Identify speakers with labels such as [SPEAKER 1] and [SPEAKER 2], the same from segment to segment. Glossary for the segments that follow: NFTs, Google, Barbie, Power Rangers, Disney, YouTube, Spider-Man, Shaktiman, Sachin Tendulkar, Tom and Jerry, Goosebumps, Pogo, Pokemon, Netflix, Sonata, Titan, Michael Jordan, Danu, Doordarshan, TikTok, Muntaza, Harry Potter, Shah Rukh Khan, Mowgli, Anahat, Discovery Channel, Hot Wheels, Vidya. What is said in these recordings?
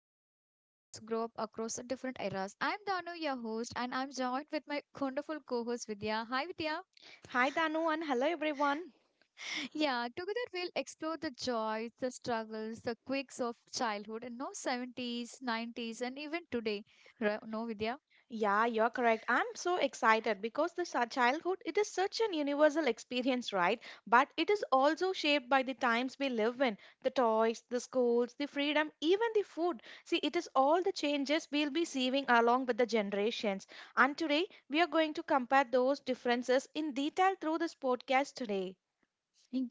[SPEAKER 1] into how kids grow up across different eras. I'm Danu, your host, and I'm joined with my wonderful co host Vidya. Hi, Vidya.
[SPEAKER 2] Hi, Danu, and hello, everyone.
[SPEAKER 1] Yeah, together we'll explore the joys, the struggles, the quirks of childhood in no 70s, 90s, and even today. Right? No, Vidya?
[SPEAKER 2] Yeah, you're correct. I'm so excited because childhood it is such an universal experience, right? But it is also shaped by the times we live in, the toys, the schools, the freedom, even the food. See, it is all the changes we'll be seeing along with the generations. And today we are going to compare those differences in detail through this podcast today.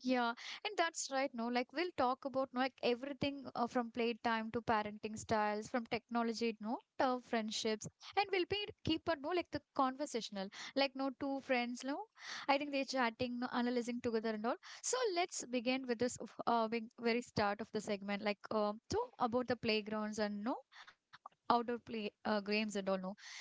[SPEAKER 1] Yeah, and that's right. No, like we'll talk about no, like everything from playtime to parenting styles, from technology, no, to friendships, and we'll be keep on no like the conversational, like no two friends, no, I think they're chatting, no, analyzing together and all. So let's begin with this being very start of the segment, like so about the playgrounds and no outdoor play games and all no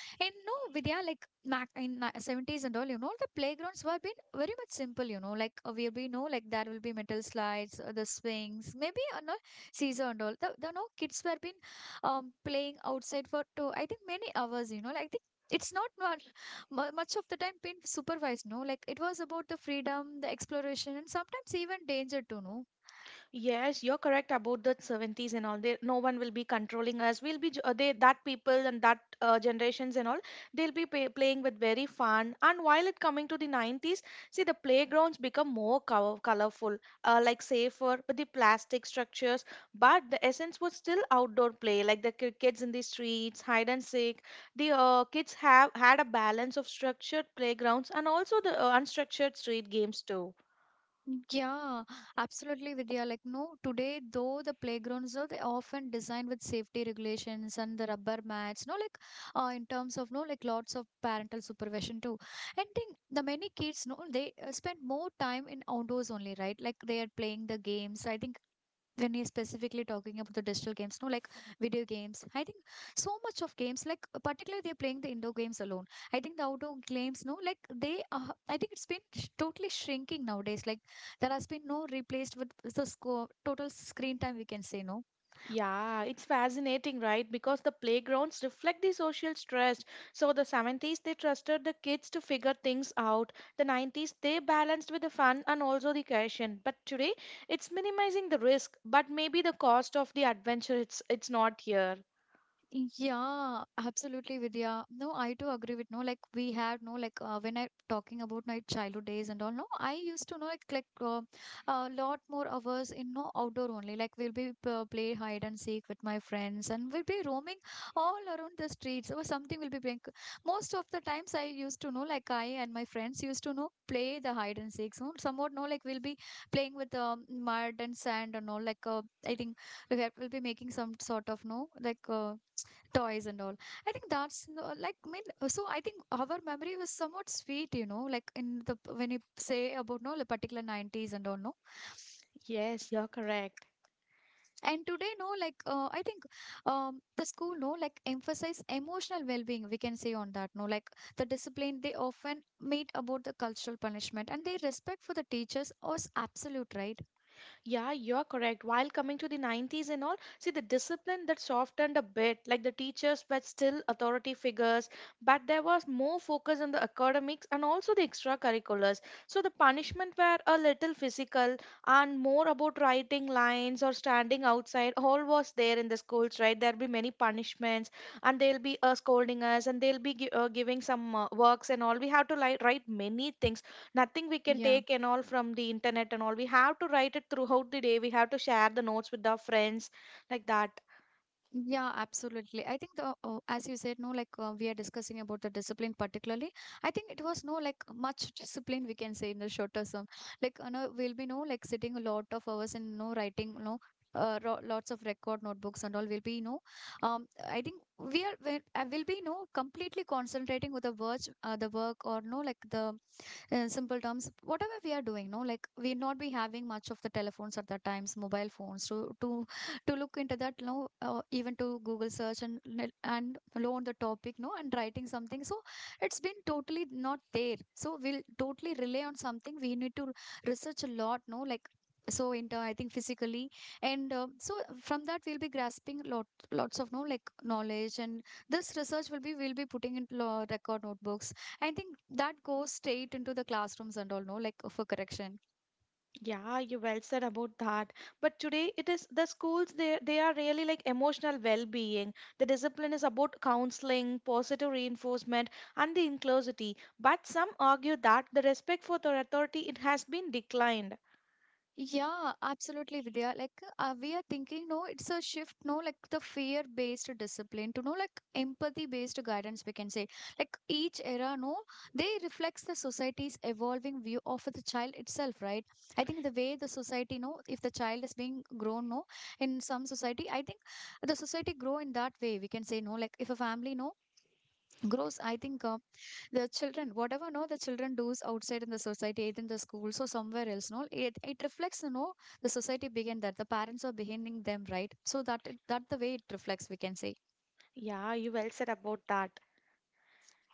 [SPEAKER 1] and no vidya like Mac in 70s and all, you know, the playgrounds were been very much simple, you know, like we know like there will be metal slides, the swings, maybe no Caesar and all. The no kids were been playing outside for two, I think many hours, you know, like I think it's not much, much of the time been supervised, no, like it was about the freedom, the exploration, and sometimes even danger too, no.
[SPEAKER 2] Yes, you're correct about the 70s and all. There, no one will be controlling us. They that people and that generations and all. They'll be playing with very fun. And while it coming to the 90s, see the playgrounds become more colorful, like safer with the plastic structures. But the essence was still outdoor play, like the kids in the streets, hide and seek. The kids have had a balance of structured playgrounds and also the unstructured street games too.
[SPEAKER 1] Yeah, absolutely, Vidya. Like, no, today, though the playgrounds are they often designed with safety regulations and the rubber mats, no, like, in terms of, no, like, lots of parental supervision too. And think the many kids, no, they spend more time in outdoors only, right? Like, they are playing the games. I think when you're specifically talking about the digital games, no, like video games, I think so much of games, like, particularly they're playing the indoor games alone. I think the outdoor games, no, like, they, I think it's been totally shrinking nowadays. Like, that has been no replaced with the score total screen time we can say no.
[SPEAKER 2] Yeah, it's fascinating, right? Because the playgrounds reflect the social stress. So the 70s they trusted the kids to figure things out. The 90s they balanced with the fun and also the caution. But today it's minimizing the risk, but maybe the cost of the adventure it's not here.
[SPEAKER 1] Yeah, absolutely, Vidya. No, I too agree with no. Like we had no like when I talking about my childhood days and all. No, I used to know like a lot more hours in no outdoor only. Like we'll be play hide and seek with my friends, and we'll be roaming all around the streets or something. We'll be playing. Most of the times I used to know like I and my friends used to know play the hide and seek. So somewhat no like we'll be playing with mud and sand and all. Like I think we have, we'll be making some sort of no like. Toys and all. I think that's like I mean, so I think our memory was somewhat sweet you know like in the when you say about no the particular 90s and all no.
[SPEAKER 2] Yes, you're correct.
[SPEAKER 1] And today no like I think the school no like emphasize emotional well-being we can say on that no like the discipline they often meet about the cultural punishment and their respect for the teachers was absolute right
[SPEAKER 2] Yeah, you're correct. While coming to the 90s and all, see the discipline that softened a bit, like the teachers were still authority figures, but there was more focus on the academics and also the extracurriculars. So the punishment were a little physical and more about writing lines or standing outside. All was there in the schools, right? There'll be many punishments and they'll be scolding us and they'll be giving some works and all. We have to like write many things, nothing we can
[SPEAKER 1] yeah.
[SPEAKER 2] take and all from the internet, and all we have to write it throughout the day. We have to share the notes with our friends like that.
[SPEAKER 1] Yeah, absolutely. I think the as you said, no, like we are discussing about the discipline particularly. I think it was no like much discipline we can say in the shorter term. Like you know, we'll be no like sitting a lot of hours and no writing, no ro lots of record notebooks and all. We'll be no, I think we will be no completely concentrating with the words, the work or no like the in simple terms whatever we are doing no like we not be having much of the telephones at the times mobile phones to look into that no, even to google search and and learn the topic no and writing something so it's been totally not there so we'll totally rely on something we need to research a lot no like so into I think physically and so from that we'll be grasping lots of no like knowledge and this research will be we'll be putting in law record notebooks. I think that goes straight into the classrooms and all, no, like for correction.
[SPEAKER 2] Yeah, you well said about that. But today it is the schools, they are really like emotional well-being. The discipline is about counseling, positive reinforcement, and the inclusivity. But some argue that the respect for the authority it has been declined.
[SPEAKER 1] Yeah, absolutely, Vidya. Like, we are thinking, no, it's a shift, no, like the fear based discipline to no, like empathy based guidance, we can say. Like, each era, no, they reflects the society's evolving view of the child itself, right? I think the way the society, no, if the child is being grown, no, in some society, I think the society grow in that way, we can say, no, like if a family, no, grows I think the children whatever no the children does outside in the society either in the schools or somewhere else no it reflects you know the society behind that the parents are behind them right so that the way it reflects we can say.
[SPEAKER 2] Yeah, you well said about that.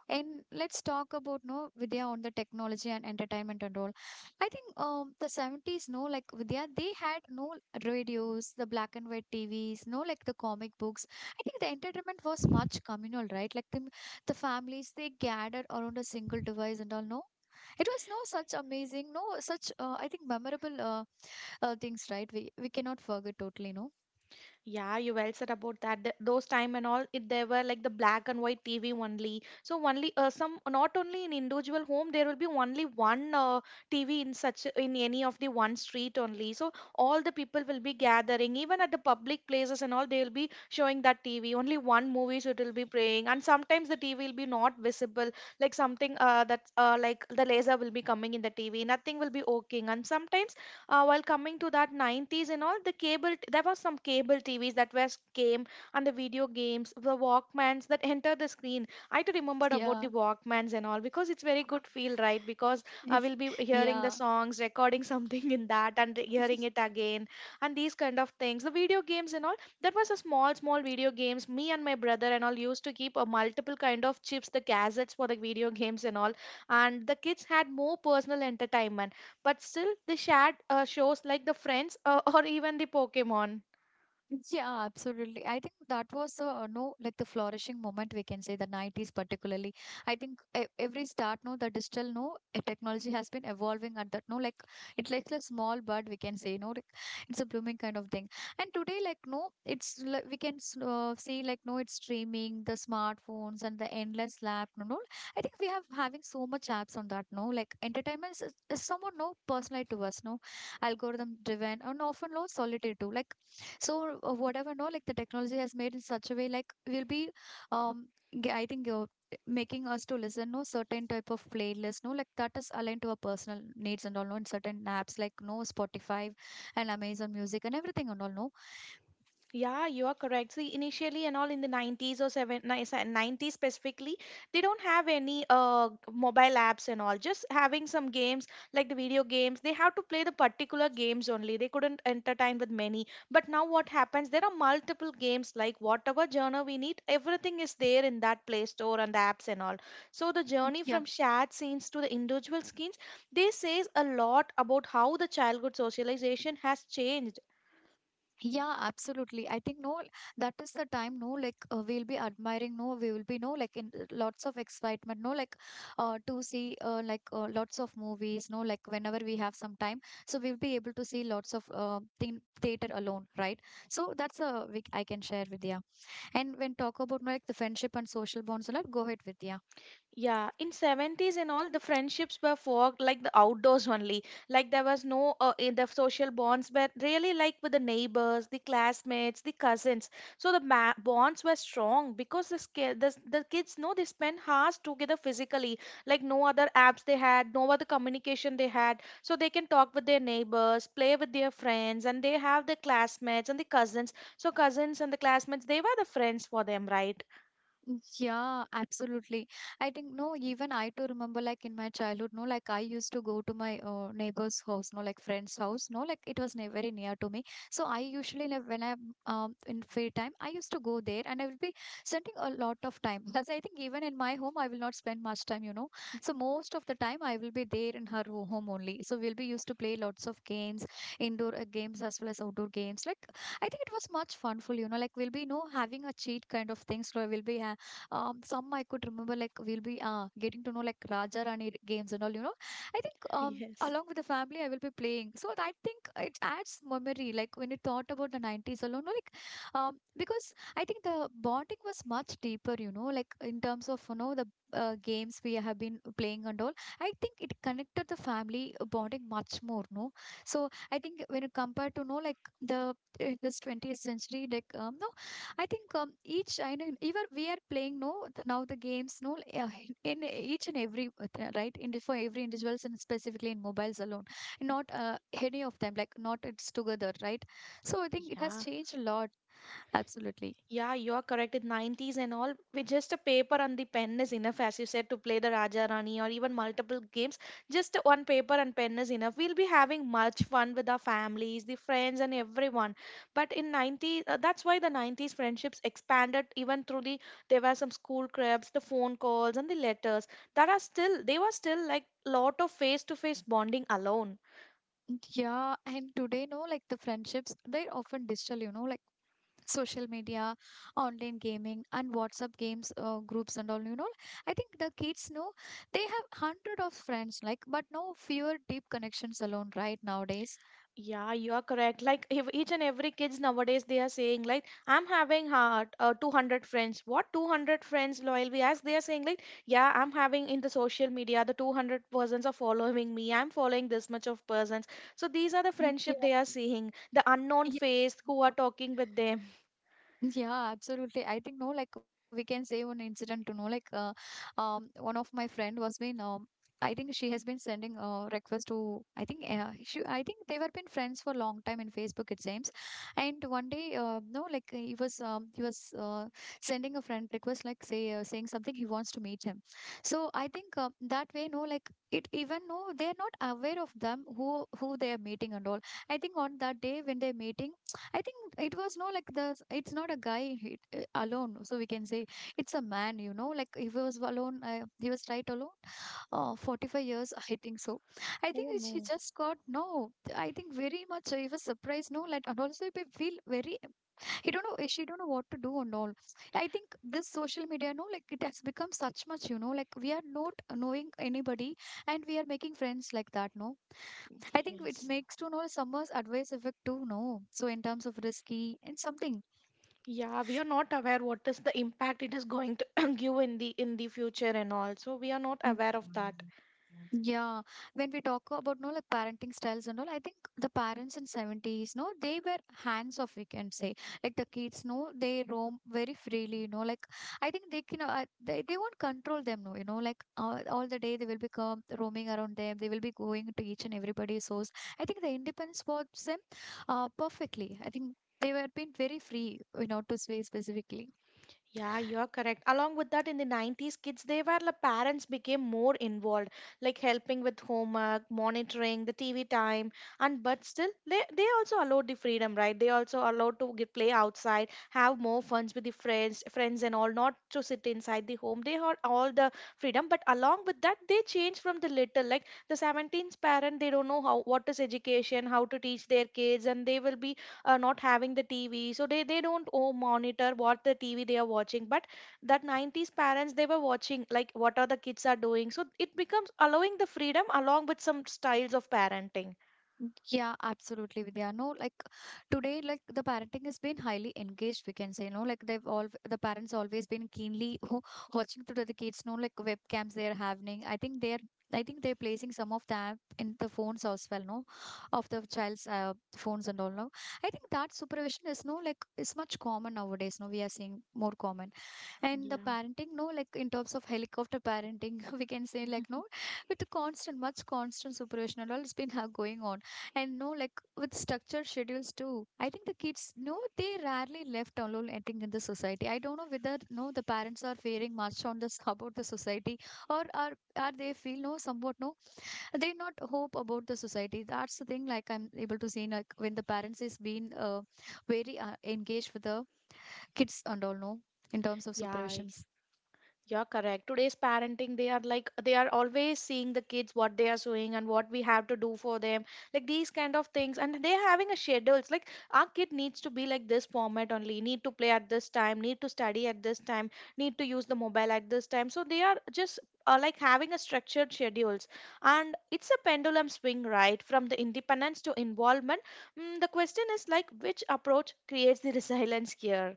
[SPEAKER 1] And let's talk about no Vidya on the technology and entertainment and all. I think the 70s no like Vidya they had no radios, the black and white TVs, no like the comic books. I think the entertainment was much communal, right? Like the families they gathered around a single device and all. No, it was no such amazing, no such I think memorable things, right? We cannot forget totally. No,
[SPEAKER 2] Yeah, you well said about that. Those time and all, it they were like the black and white TV only. So only some, not only in individual home. There will be only one TV in such in any of the one street only. So all the people will be gathering, even at the public places and all, they will be showing that TV. Only one movies it will be playing, and sometimes the TV will be not visible. Like something that's like the laser will be coming in the TV. Nothing will be working, and sometimes while coming to that 90s and all, the there was some cable tvs that was came, and the video games, the walkmans that entered the screen. I too remembered about
[SPEAKER 1] yeah,
[SPEAKER 2] the walkmans and all, because it's very good feel, right? Because I will be hearing the
[SPEAKER 1] yeah.
[SPEAKER 2] songs recording something in that and hearing it again. And these kind of things, the video games and all, that was a small small video games. Me and my brother and all used to keep a multiple kind of chips, the cassettes for the video games and all. And the kids had more personal entertainment, but still the shared shows like the friends, or even the Pokemon.
[SPEAKER 1] Yeah, absolutely. I think that was the no like the flourishing moment we can say the 90s particularly. I think every start no the digital no technology has been evolving at that no like it's like a small bird we can say no like, it's a blooming kind of thing. And today like no it's like we can see like no it's streaming the smartphones and the endless lap no no. I think we have having so much apps on that no like entertainment is somewhat no personalized to us no algorithm driven and often no solitary too like so whatever no like the technology has made in such a way like we will be um i think making us to listen no certain type of playlist no like that is aligned to our personal needs and all no in certain apps like no spotify and amazon music and everything and all no
[SPEAKER 2] Yeah, you are correct. See, initially and all in the 90s, or seven, ni- se- 90s specifically, they don't have any mobile apps and all. Just having some games like the video games, they have to play the particular games only. They couldn't entertain with many. But now what happens? There are multiple games like whatever genre we need, everything is there in that Play Store and the apps and all. So the journey
[SPEAKER 1] yeah.
[SPEAKER 2] from shared scenes to the individual scenes, they says a lot about how the childhood socialization has changed.
[SPEAKER 1] Yeah, absolutely. I think no, that is the time. No, like we'll be admiring. No, we will be no like in lots of excitement. No, like to see like lots of movies. No, like whenever we have some time, so we'll be able to see lots of thing theater alone, right? So that's a we I can share with you. And when talk about no, like the friendship and social bonds a lot, go ahead with you.
[SPEAKER 2] Yeah, in 70s and all, the friendships were forged like the outdoors only. Like there was no in the social bonds, but really like with the neighbors, the classmates, the cousins. So bonds were strong because the kids know they spent hours together physically. Like no other apps they had, no other communication they had. So they can talk with their neighbors, play with their friends, and they have the classmates and the cousins. So cousins and the classmates, they were the friends for them, right?
[SPEAKER 1] Yeah, absolutely. I think no, even I too remember like in my childhood, no, like I used to go to my neighbor's house, no, like friend's house, no, like it was ne very near to me. So I usually like when I'm in free time, I used to go there and I will be spending a lot of time because I think even in my home, I will not spend much time, you know. So most of the time, I will be there in her home only. So we'll be used to play lots of games, indoor games as well as outdoor games. Like I think it was much funful, you know, like we'll be no having a cheat kind of things. So we'll be ha some I could remember, like we'll be getting to know like Raja Rani games and all. You know, I think
[SPEAKER 2] Yes.
[SPEAKER 1] along with the family, I will be playing. So I think it adds memory. Like when you thought about the 90s alone, no, like because I think the bonding was much deeper. You know, like in terms of you know the games we have been playing and all. I think it connected the family bonding much more. No, so I think when you compare to know like the in this 20th century, like no, I think each I know even we are playing no now the games no yeah, in each and every right in the- for every individuals and specifically in mobiles alone not any of them like not it's together right so I think it has
[SPEAKER 2] Yeah.
[SPEAKER 1] changed a lot absolutely
[SPEAKER 2] Yeah, you are correct. In 90s and all, with just a paper and the pen is enough, as you said, to play the Raja Rani or even multiple games. Just one paper and pen is enough. We'll be having much fun with our families, the friends, and everyone. But in 90s, that's why the 90s friendships expanded even through the, there were some school cribs, the phone calls, and the letters that are still, they were still like lot of face to face bonding alone.
[SPEAKER 1] yeah. And today no like the friendships they're often digital you know like social media, online gaming, and WhatsApp games groups and all. You know, I think the kids know they have hundred of friends, like, but no fewer deep connections alone right nowadays.
[SPEAKER 2] Yeah, you are correct. Like each and every kids nowadays, they are saying like, "I'm having heart 200 friends." What 200 friends? Loyal we ask. They are saying like, "Yeah, I'm having in the social media the 200 persons are following me. I'm following this much of persons." So these are the
[SPEAKER 1] Mm,
[SPEAKER 2] friendship
[SPEAKER 1] yeah.
[SPEAKER 2] they are seeing. The unknown
[SPEAKER 1] Yeah.
[SPEAKER 2] face who are talking with them.
[SPEAKER 1] Yeah, absolutely. I think no, like we can say one incident to know, like one of my friend was been. I think she has been sending request to I think she I think they were been friends for a long time in Facebook it seems, and one day no like he was sending a friend request like saying something he wants to meet him, so I think that way no like it even no they're not aware of them who they are meeting and all. I think on that day when they're meeting I think it was no like the it's not a guy alone, so we can say it's a man. You know, like if he was alone, he was right alone. 45 years, I think so. I think
[SPEAKER 2] Oh
[SPEAKER 1] she
[SPEAKER 2] no.
[SPEAKER 1] just got no. I think very much he was surprised. No, like and also he feel very. He don't know. She don't know what to do and all. I think this social media, no, like it has become such much. You know, like we are not knowing anybody and we are making friends like that. No, I think it
[SPEAKER 2] Yes.
[SPEAKER 1] makes to know Summer's advice effect too, no? So in terms of risky and something.
[SPEAKER 2] Yeah, we are not aware what is the impact it is going to give in the future and all. So we are not aware of
[SPEAKER 1] Mm.
[SPEAKER 2] that.
[SPEAKER 1] Yeah. When we talk about no like parenting styles and all, I think the parents in 70s, no, they were hands off we can say. Like the kids, no, they roam very freely, you know. Like I think they won't control them, no, you know, like all the day they will become roaming around them, they will be going to each and everybody's house. I think the independence was them perfectly. I think they were being very free, you know, to say specifically.
[SPEAKER 2] Yeah, you're correct. Along with that, in the 90s, kids, they were the parents became more involved, like helping with homework, monitoring the TV time, and but still, they also allowed the freedom, right? They also allowed to get, play outside, have more funs with the friends, friends and all, not to sit inside the home. They had all the freedom, but along with that, they changed from the little, like the 17th parent, they don't know how what is education, how to teach their kids, and they will be not having the tv, so they don't oh, monitor what the tv they are watching. But that 90s parents, they were watching like what are the kids are doing. So it becomes allowing the freedom along with some styles of parenting.
[SPEAKER 1] Yeah, absolutely, Vidya. No, like today, like the parenting has been highly engaged, we can say, no, like they've all the parents always been keenly watching through the kids, no, like webcams they are having. I think they're placing some of that in the phones as well, no, of the child's phones and all. No, I think that supervision is no like it's much common nowadays. No, we are seeing more common and the
[SPEAKER 2] Yeah.
[SPEAKER 1] parenting no like in terms of helicopter parenting we can say like no with the constant supervision and all it's been going on and no like with structured schedules too, I think the kids no they rarely left alone. I think in the society I don't know whether no the parents are faring much on this about the society or are they feel no somewhat no they not hope about the society. That's the thing, like I'm able to see like when the parents is been very engaged with the kids and all no in terms of
[SPEAKER 2] Yeah.
[SPEAKER 1] supervisions.
[SPEAKER 2] Yeah, correct. Today's parenting, they are like they are always seeing the kids what they are doing and what we have to do for them, like these kind of things. And they're having a schedules like our kid needs to be like this format only, need to play at this time, need to study at this time, need to use the mobile at this time. So they are just like having a structured schedules. And it's a pendulum swing, right? From the independence to involvement. Mm, the question is like which approach creates the resilience here?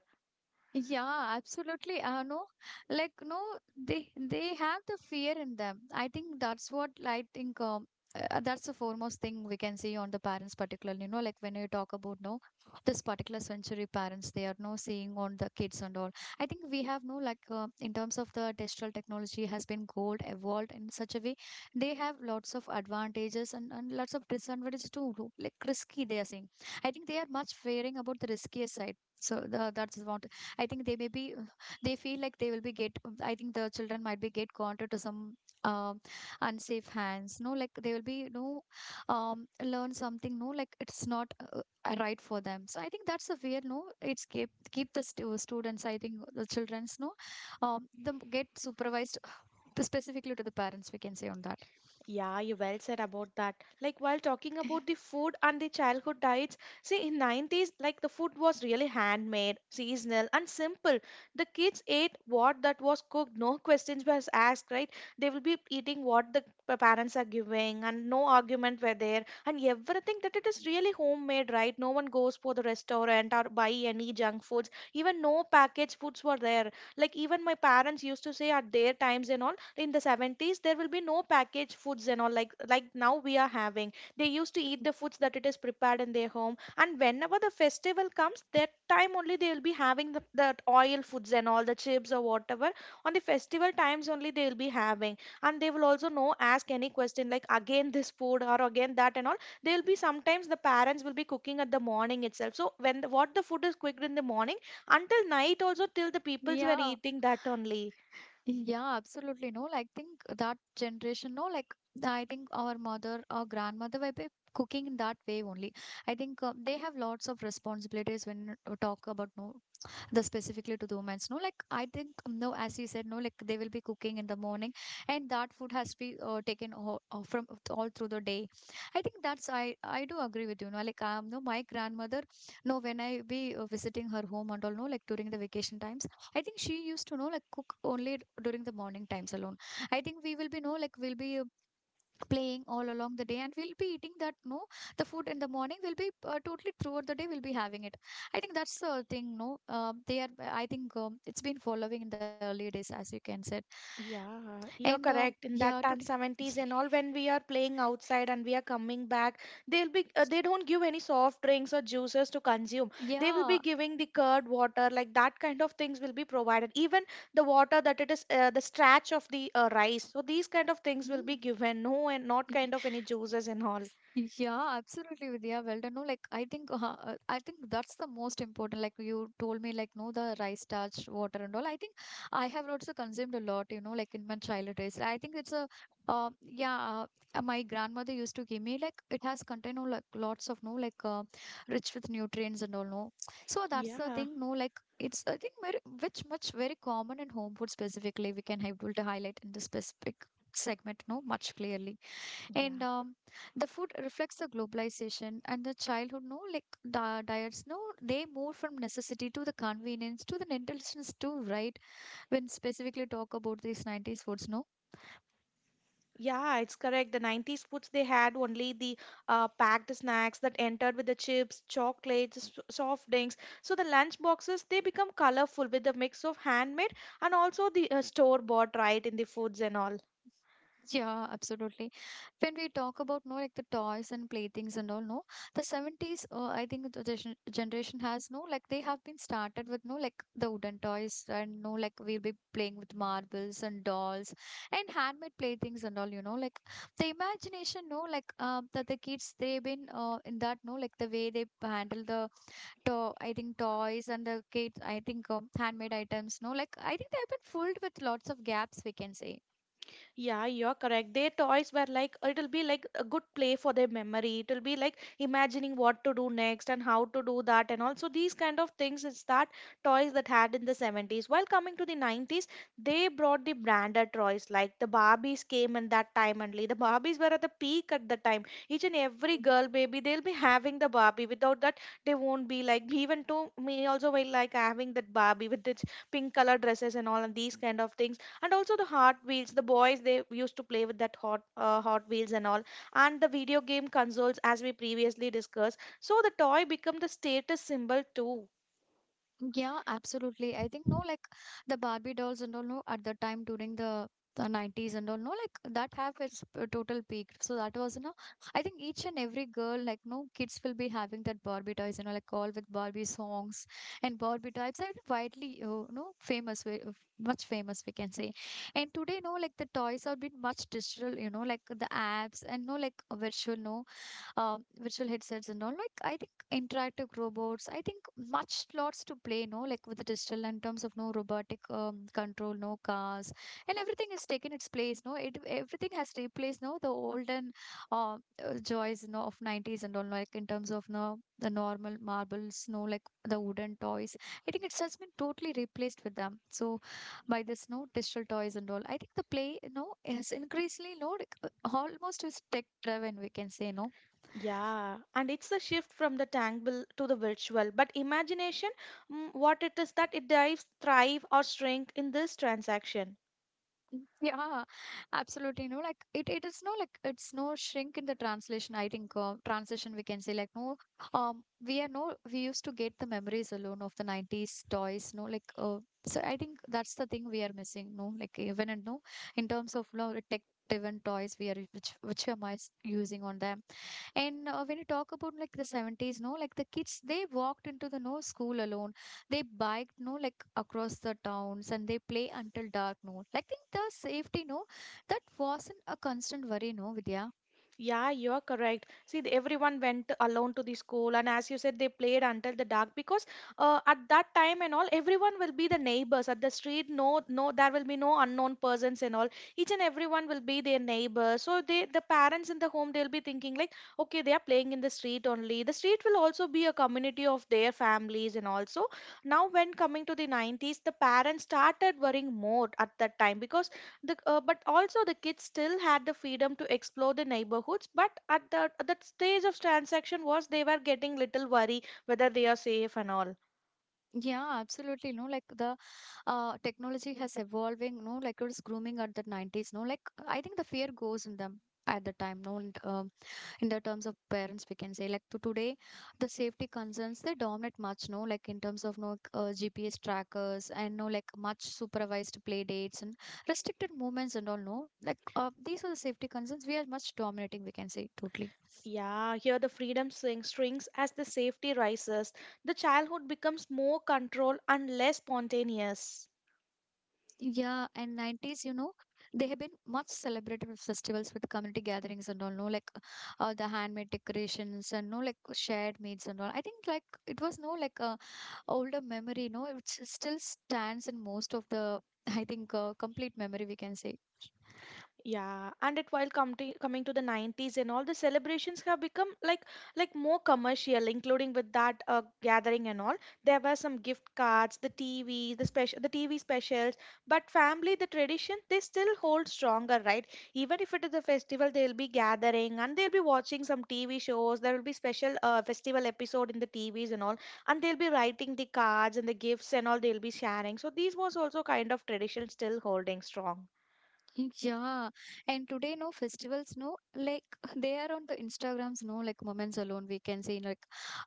[SPEAKER 1] Yeah, absolutely. No, like no, they have the fear in them. I think that's what I think. That's the foremost thing we can see on the parents, particularly. You know, like when you talk about no, this particular century parents, they are no seeing on the kids and all. I think we have no like in terms of the digital technology has been gold evolved in such a way. They have lots of advantages and, lots of disadvantages too. Like risky, they are saying. I think they are much fearing about the riskier side. So the, that's what I think they may be they feel like they will be get. I think the children might be get gone to some um unsafe hands. No, like they will be no learn something. No, like it's not right for them. So I think that's a weird. No, it's keep the students. I think the childrens. No, them get supervised specifically to the parents. We can say on that.
[SPEAKER 2] Yeah, you well said about that. Like while talking
[SPEAKER 1] Yeah.
[SPEAKER 2] about the food and the childhood diets, see in 90s like the food was really handmade, seasonal and simple. The kids ate what that was cooked, no questions was asked, right? They will be eating what the parents are giving, and no argument were there, and everything that it is really homemade, right? No one goes for the restaurant or buy any junk foods. Even no packaged foods were there, like even my parents used to say at their times and all in the 70s there will be no packaged foods and all, like now we are having. They used to eat the foods that it is prepared in their home, and whenever the festival comes, that time only they will be having the oil foods and all, the chips or whatever. On the festival times only they will be having, and they will also no ask any question like again this food or again that and all. They will be sometimes the parents will be cooking at the morning itself, so when the, what the food is cooked in the morning, until night also, till the peoples were
[SPEAKER 1] Yeah.
[SPEAKER 2] eating that only.
[SPEAKER 1] Yeah, absolutely. No, like think that generation, no, like I think our mother or grandmother were be cooking in that way only. I think they have lots of responsibilities when talk about no the specifically to the women's, no like I think no as you said no like they will be cooking in the morning and that food has to be taken all, from all through the day. I think that's I do agree with you, no like no my grandmother no when I be visiting her home and all no like during the vacation times I think she used to know like cook only during the morning times alone. I think we will be no like we'll be playing all along the day and we'll be eating that no the food in the morning will be totally throughout the day we'll be having it. I think that's the thing, no. They are, I think it's been following in the early days as you can said.
[SPEAKER 2] Yeah,
[SPEAKER 1] And
[SPEAKER 2] you're correct. In
[SPEAKER 1] yeah
[SPEAKER 2] that
[SPEAKER 1] today.
[SPEAKER 2] time, 70s and all, when we are playing outside and we are coming back, they'll be they don't give any soft drinks or juices to consume. They will be
[SPEAKER 1] Yeah.
[SPEAKER 2] giving the curd water, like that kind of things will be provided. Even the water that it is the starch of the rice. So these kind of things will be given. No, and not
[SPEAKER 1] Mm.
[SPEAKER 2] kind of any juices and all.
[SPEAKER 1] Yeah, absolutely, Vidya. Well done. No, like I think that's the most important. Like you told me, like no, the rice starch, water, and all. I think I have also consumed a lot. You know, like in my childhood days. I think it's a, uh, yeah, my grandmother used to give me, like it has contained no like lots of no, like rich with nutrients and all. No, so that's the
[SPEAKER 2] Yeah,
[SPEAKER 1] thing. No, like it's I think very which much very common in home food specifically. We can able to highlight in this specific segment. No, much clearly. And
[SPEAKER 2] yeah.
[SPEAKER 1] the food reflects the globalization and the childhood, no, like diets, no, they move from necessity to the convenience to the intelligence too, right? When specifically talk about these 90s foods, no,
[SPEAKER 2] Yeah, it's correct. The 90s foods they had only the packed snacks that entered with the chips, chocolates, soft drinks. So the lunch boxes they become colorful with the mix of handmade and also the store bought right in the foods and all.
[SPEAKER 1] yeah, absolutely. When we talk about no like the toys and playthings and all, no, the 70s, I think the generation has no like they have been started with no like the wooden toys and no like we'll be playing with marbles and dolls and handmade playthings and all, you know, like the imagination, no, like that the kids they've been in that no like the way they handle the to, I think, toys and the kids. I think handmade items, no, like I think they have been filled with lots of gaps we can say.
[SPEAKER 2] Yeah, you're correct. Their toys were like it'll be like a good play for their memory. It'll be like imagining what to do next and how to do that, and also these kind of things is that toys that had in the 70s. While coming to the 90s, they brought the branded toys like the Barbies came in that time only. The Barbies were at the peak at the time. Each and every girl baby they'll be having the Barbie. Without that, they won't be like even to me also will like having that Barbie with its pink color dresses and all and these kind of things and also the hot wheels the boys they used to play with that hot hot wheels and all and the video game consoles as we previously discussed, so the toy become the status symbol too.
[SPEAKER 1] Yeah, absolutely. I think no, like the Barbie dolls and all no at the time during the 90s and all no like that have its total peak, so that was you know. I think each and every girl like no kids will be having that Barbie toys, you know, like all with Barbie songs and Barbie types I are widely no famous way, much famous we can say. And today no like the toys have been much digital, you know, like the apps and no like virtual no virtual headsets and all. Like I think interactive robots. I think much lots to play. No, like with the digital in terms of no robotic control, no cars, and everything has taken its place. No, it everything has replaced. No, the olden uh, joys. No, of 90s and all. Like in terms of no the normal marbles. No, like the wooden toys. I think it's just been totally replaced with them. So by this no digital toys and all. I think the play no is increasingly no like, almost is tech driven. We can say no.
[SPEAKER 2] Yeah, and it's a shift from the tangible to the virtual, but imagination, what it is that it dives thrive or shrink in this transaction.
[SPEAKER 1] Mm, yeah, absolutely. No, like it is no like it's no shrink in the translation. I think translation we can say like no, we are no we used to get the memories alone of the 90s toys. No, like so I think that's the thing we are missing. No, like even and no, in terms of no tech driven toys we are which we are I using on them. And when you talk about like the 70s, no, like the kids, they walked into the no school alone. They biked, no, like across the towns and they play until dark, no. Like think the safety, no, that wasn't a constant worry, no, Vidya.
[SPEAKER 2] Yeah, you're correct. See, everyone went alone to the school, and as you said, they played until the dark because at that time and all, everyone will be the neighbors at the street. No, no, there will be no unknown persons and all. Each and everyone will be their neighbor. So they, the parents in the home, they'll be thinking like, okay, they are playing in the street only. The street will also be a community of their families and also. Now, when coming to the 90s, the parents started worrying more at that time because the, but also the kids still had the freedom to explore the neighborhoods, but at the at that stage of transaction was they were getting little worry whether they are safe and all.
[SPEAKER 1] Yeah, absolutely. No, like the technology has evolving, no, like it was grooming at the 90s, no, like I think the fear goes in them at the time, no, and. In the terms of parents we can say like to today the safety concerns they dominate much, no, like in terms of no, GPS trackers and no like much supervised play dates and restricted movements and all, no like, these are the safety concerns we are much dominating, we can say totally.
[SPEAKER 2] Yeah, here the freedom swing strings as the safety rises, the childhood becomes more controlled and less spontaneous.
[SPEAKER 1] Yeah, and 90s, you know, they have been much celebrated with festivals, with community gatherings and all, no like, the handmade decorations and no like shared meals and all. I think like it was no like a older memory, no it still stands in most of the, I think complete memory we can say.
[SPEAKER 2] Yeah, and it while come to, coming to the 90s and all the celebrations have become like more commercial, including with that gathering and all. There were some gift cards, the TV, the special, the TV specials, but family, the tradition, they still hold stronger, right? Even if it is a festival, they'll be gathering and they'll be watching some TV shows. There will be special festival episode in the TVs and all, and they'll be writing the cards and the gifts and all. They'll be sharing. So these was also kind of tradition still holding strong.
[SPEAKER 1] Yeah, and today, no festivals, no like they are on the Instagrams, no like moments alone. We can see like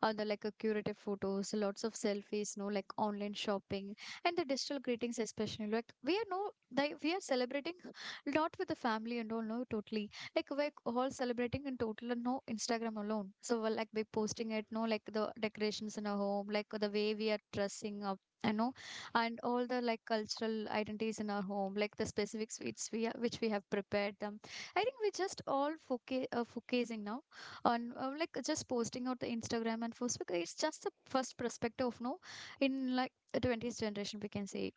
[SPEAKER 1] on the like a curative photos, lots of selfies, no like online shopping, and the digital greetings especially. Like we are no like we are celebrating not with the family and all, no totally, like we're all celebrating in total and no Instagram alone. So we'll like be posting it, no like the decorations in our home, like the way we are dressing up, and no and all the like cultural identities in our home like the specific sweets we which we have prepared them. I think we're just all focusing now on like just posting out the Instagram and Facebook. It's just the first perspective of no, in like the 20th generation we can say.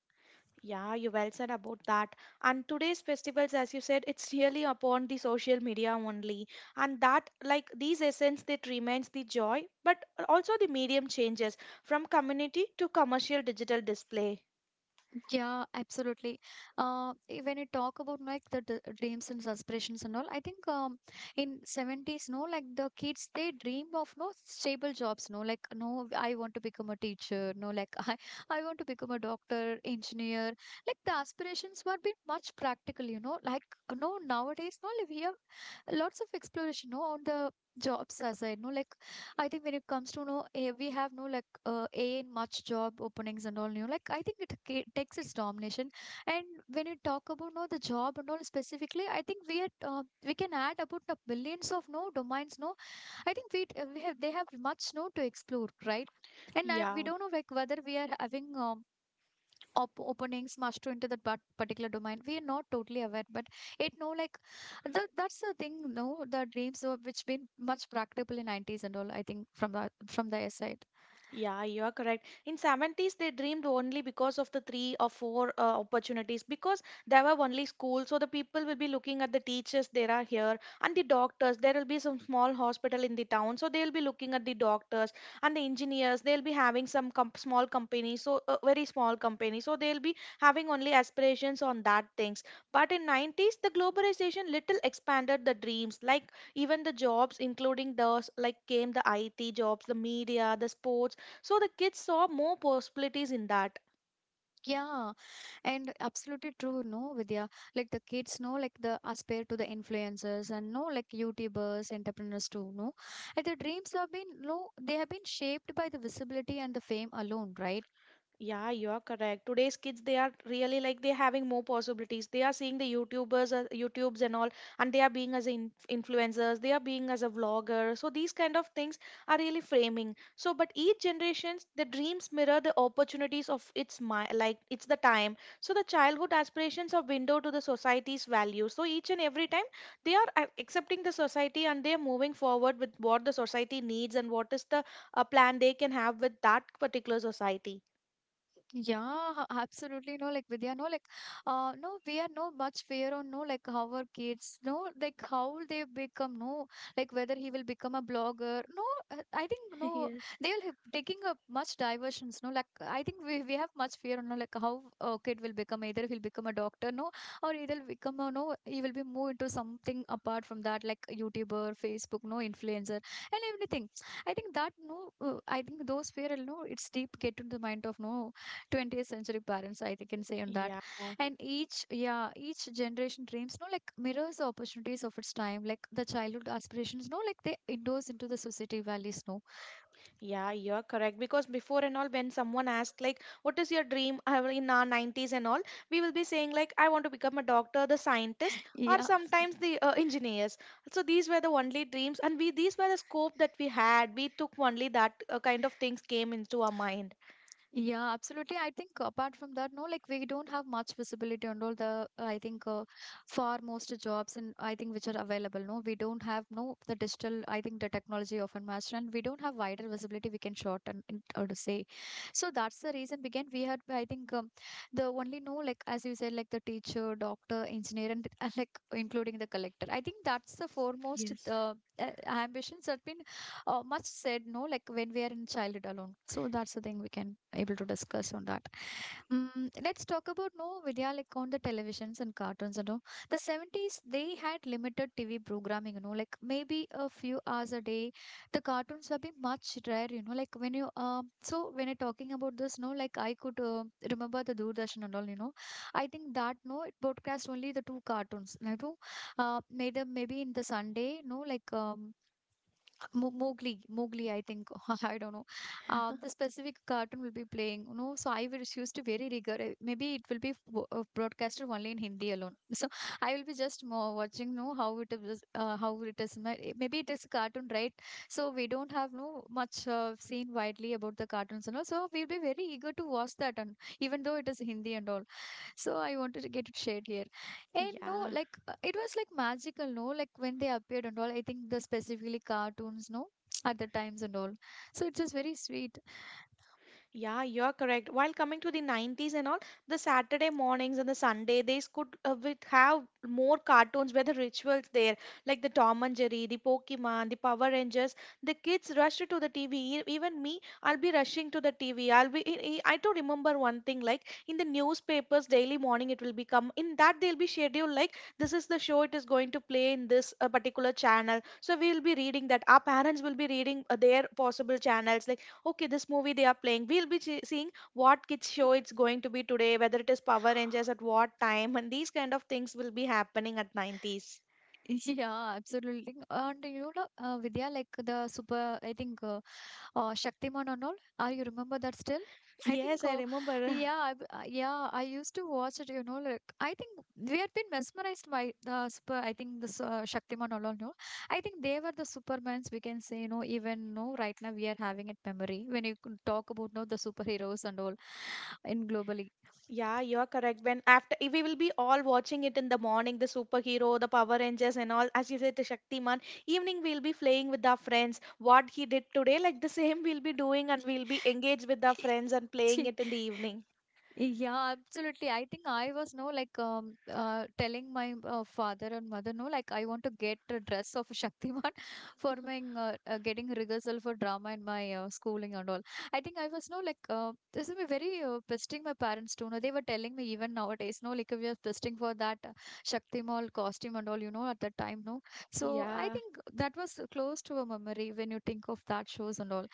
[SPEAKER 2] Yeah, you well said about that. And today's festivals, as you said, it's really upon the social media only. And that, like these essence, that remains the joy, but also the medium changes from community to commercial digital display.
[SPEAKER 1] Yeah, absolutely. When you talk about like the d dreams and aspirations and all, I think in 70s, no, like the kids, they dream of no stable jobs, no, like, no, I want to become a teacher, no, like I, want to become a doctor, engineer. Like the aspirations were been much practical, you know, like, no, nowadays, no, like, we have lots of exploration, no, on the jobs as I know. Like I think when it comes to no, we have no like a in much job openings and all. You know, like I think it takes its domination. And when you talk about no the job and all specifically, I think we had we can add about the billions of no domains. No, I think we, we have, they have much no to explore, right? And I, we
[SPEAKER 2] Yeah.
[SPEAKER 1] don't know like whether we are having openings much to into that particular domain we are not totally aware, but it no like the, that's the thing, no, the dreams of which been much practicable in 90s and all. I think from the from their side,
[SPEAKER 2] Yeah, you are correct. In 70s, they dreamed only because of the three or four opportunities because there were only schools. So the people will be looking at the teachers there are here and the doctors. There will be some small hospital in the town. So they'll be looking at the doctors and the engineers. They'll be having some com small company. So very small company. So they'll be having only aspirations on that things. But in 90s, the globalization little expanded the dreams. Like even the jobs, including those like came the IT jobs, the media, the sports, so the kids saw more possibilities in that.
[SPEAKER 1] yeah. And absolutely true, no, Vidya. Like the kids know like the aspire to the influencers and no like YouTubers, entrepreneurs too, no, and the dreams have been no, they have been shaped by the visibility and the fame alone, right?
[SPEAKER 2] Yeah, you are correct. Today's kids, they are really like they're having more possibilities. They are seeing the YouTubers, YouTubes and all, and they are being as in influencers, they are being as a vlogger. So these kind of things are really framing. So, but each generations, the dreams mirror the opportunities of its mind, like it's the time. So the childhood aspirations are window to the society's values. So each and every time they are accepting the society and they are moving forward with what the society needs and what is the plan they can have with that particular society.
[SPEAKER 1] Yeah, absolutely. No, like Vidya, no, like, no, we are no much fear on no, like how our kids, no, like how they become, no, like whether he will become a blogger, no, I think no,
[SPEAKER 2] Yes.
[SPEAKER 1] they will have taking up much diversions. No, like I think we have much fear on no, like how a kid will become, either he'll become a doctor, no, or either become a no, he will be more into something apart from that, like YouTuber, Facebook, no, influencer, and everything. I think that no, I think those fear, no, it's deep get into the mind of no. 20th century parents I think can say on that.
[SPEAKER 2] Yeah,
[SPEAKER 1] And each, yeah, each generation dreams no like mirrors the opportunities of its time. Like the childhood aspirations, no like, they indoors into the society values, no.
[SPEAKER 2] yeah, you're correct. Because before and all, when someone asks like, "What is your dream?" I in our nineties and all, we will be saying like, "I want to become a doctor, the scientist, or
[SPEAKER 1] Yeah.
[SPEAKER 2] sometimes the engineers." So these were the only dreams, and we these were the scope that we had. We took only that kind of things came into our mind.
[SPEAKER 1] Yeah, absolutely. I think apart from that, no, like we don't have much visibility on all the, I think, far most jobs and I think which are available. No, we don't have no the digital. I think the technology often matched, and we don't have wider visibility, we can shorten it or to say. So that's the reason. Again, we had, I think the only no like, as you said, like the teacher, doctor, engineer, and and like including the collector. I think that's the foremost
[SPEAKER 2] Yes.
[SPEAKER 1] ambitions that been much said no like when we are in childhood alone. So that's the thing we can able to discuss on that. Mm, let's talk about no, Vidya, like on the televisions and cartoons and all. The 70s, they had limited TV programming, you know, like maybe a few hours a day. The cartoons were being much rare, you know, like when you so when you're talking about this, no like, I could remember the Doordarshan and all, you know. I think that no, it broadcast only the two cartoons, you know, maybe in the Sunday, no like, Mowgli, I think I don't know. The specific cartoon will be playing, you know. So I will choose to very rigor. Uh, maybe it will be broadcasted only in Hindi alone. So I will be just more watching, you know, how it is, how it is. Maybe it is cartoon, right? So we don't have no much seen widely about the cartoons and all. So we'll be very eager to watch that, and even though it is Hindi and all. So I wanted to get it shared here. And no,
[SPEAKER 2] Yeah.
[SPEAKER 1] like it was like magical, no? Like when they appeared and all, I think the specifically cartoons, no? At the times and all. So it's just very sweet.
[SPEAKER 2] Yeah, you're correct. While coming to the 90s and all, the Saturday mornings and the Sunday, they could with have more cartoons where the rituals there, like the Tom and Jerry, the Pokemon, the Power Rangers. The kids rushed to the TV. Even me, I'll be rushing to the TV. I'll be. I do remember one thing, like in the newspapers, daily morning it will become. In that they'll be scheduled like, this is the show it is going to play in this particular channel. So we'll be reading that. Our parents will be reading their possible channels. Like, okay, this movie they are playing, we'll be seeing what kids show it's going to be today, whether it is Power Rangers at what time, and these kind of things will be happening at 90s.
[SPEAKER 1] Yeah, absolutely. And you know, Vidya, like the super, I think Shaktiman and all. Are you remember that still? I
[SPEAKER 2] Yes,
[SPEAKER 1] think,
[SPEAKER 2] I remember.
[SPEAKER 1] yeah, I yeah, I used to watch it. You know, like I think we had been mesmerized by the super. I think this Shaktiman and all, no, I think they were the Supermans, we can say, you know. Even no, right now we are having it memory when you could talk about no the superheroes and all in globally.
[SPEAKER 2] Yeah, you're correct. When after we will be all watching it in the morning the superhero, the Power Rangers and all, as you said, the Shaktiman, evening we'll be playing with our friends what he did today, like the same we'll be doing, and we'll be engaged with our friends and playing it in the evening.
[SPEAKER 1] Yeah, absolutely. I think I was no like telling my father and mother, no, like I want to get a dress of Shaktiman for my getting rehearsal for drama in my schooling and all. I think I was no like this is very pestering my parents too, no. They were telling me even nowadays, no like, we are pestering for that Shaktimal costume and all, you know, at that time, no. So I
[SPEAKER 2] Yeah.
[SPEAKER 1] think that was close to a memory when you think of that shows and all.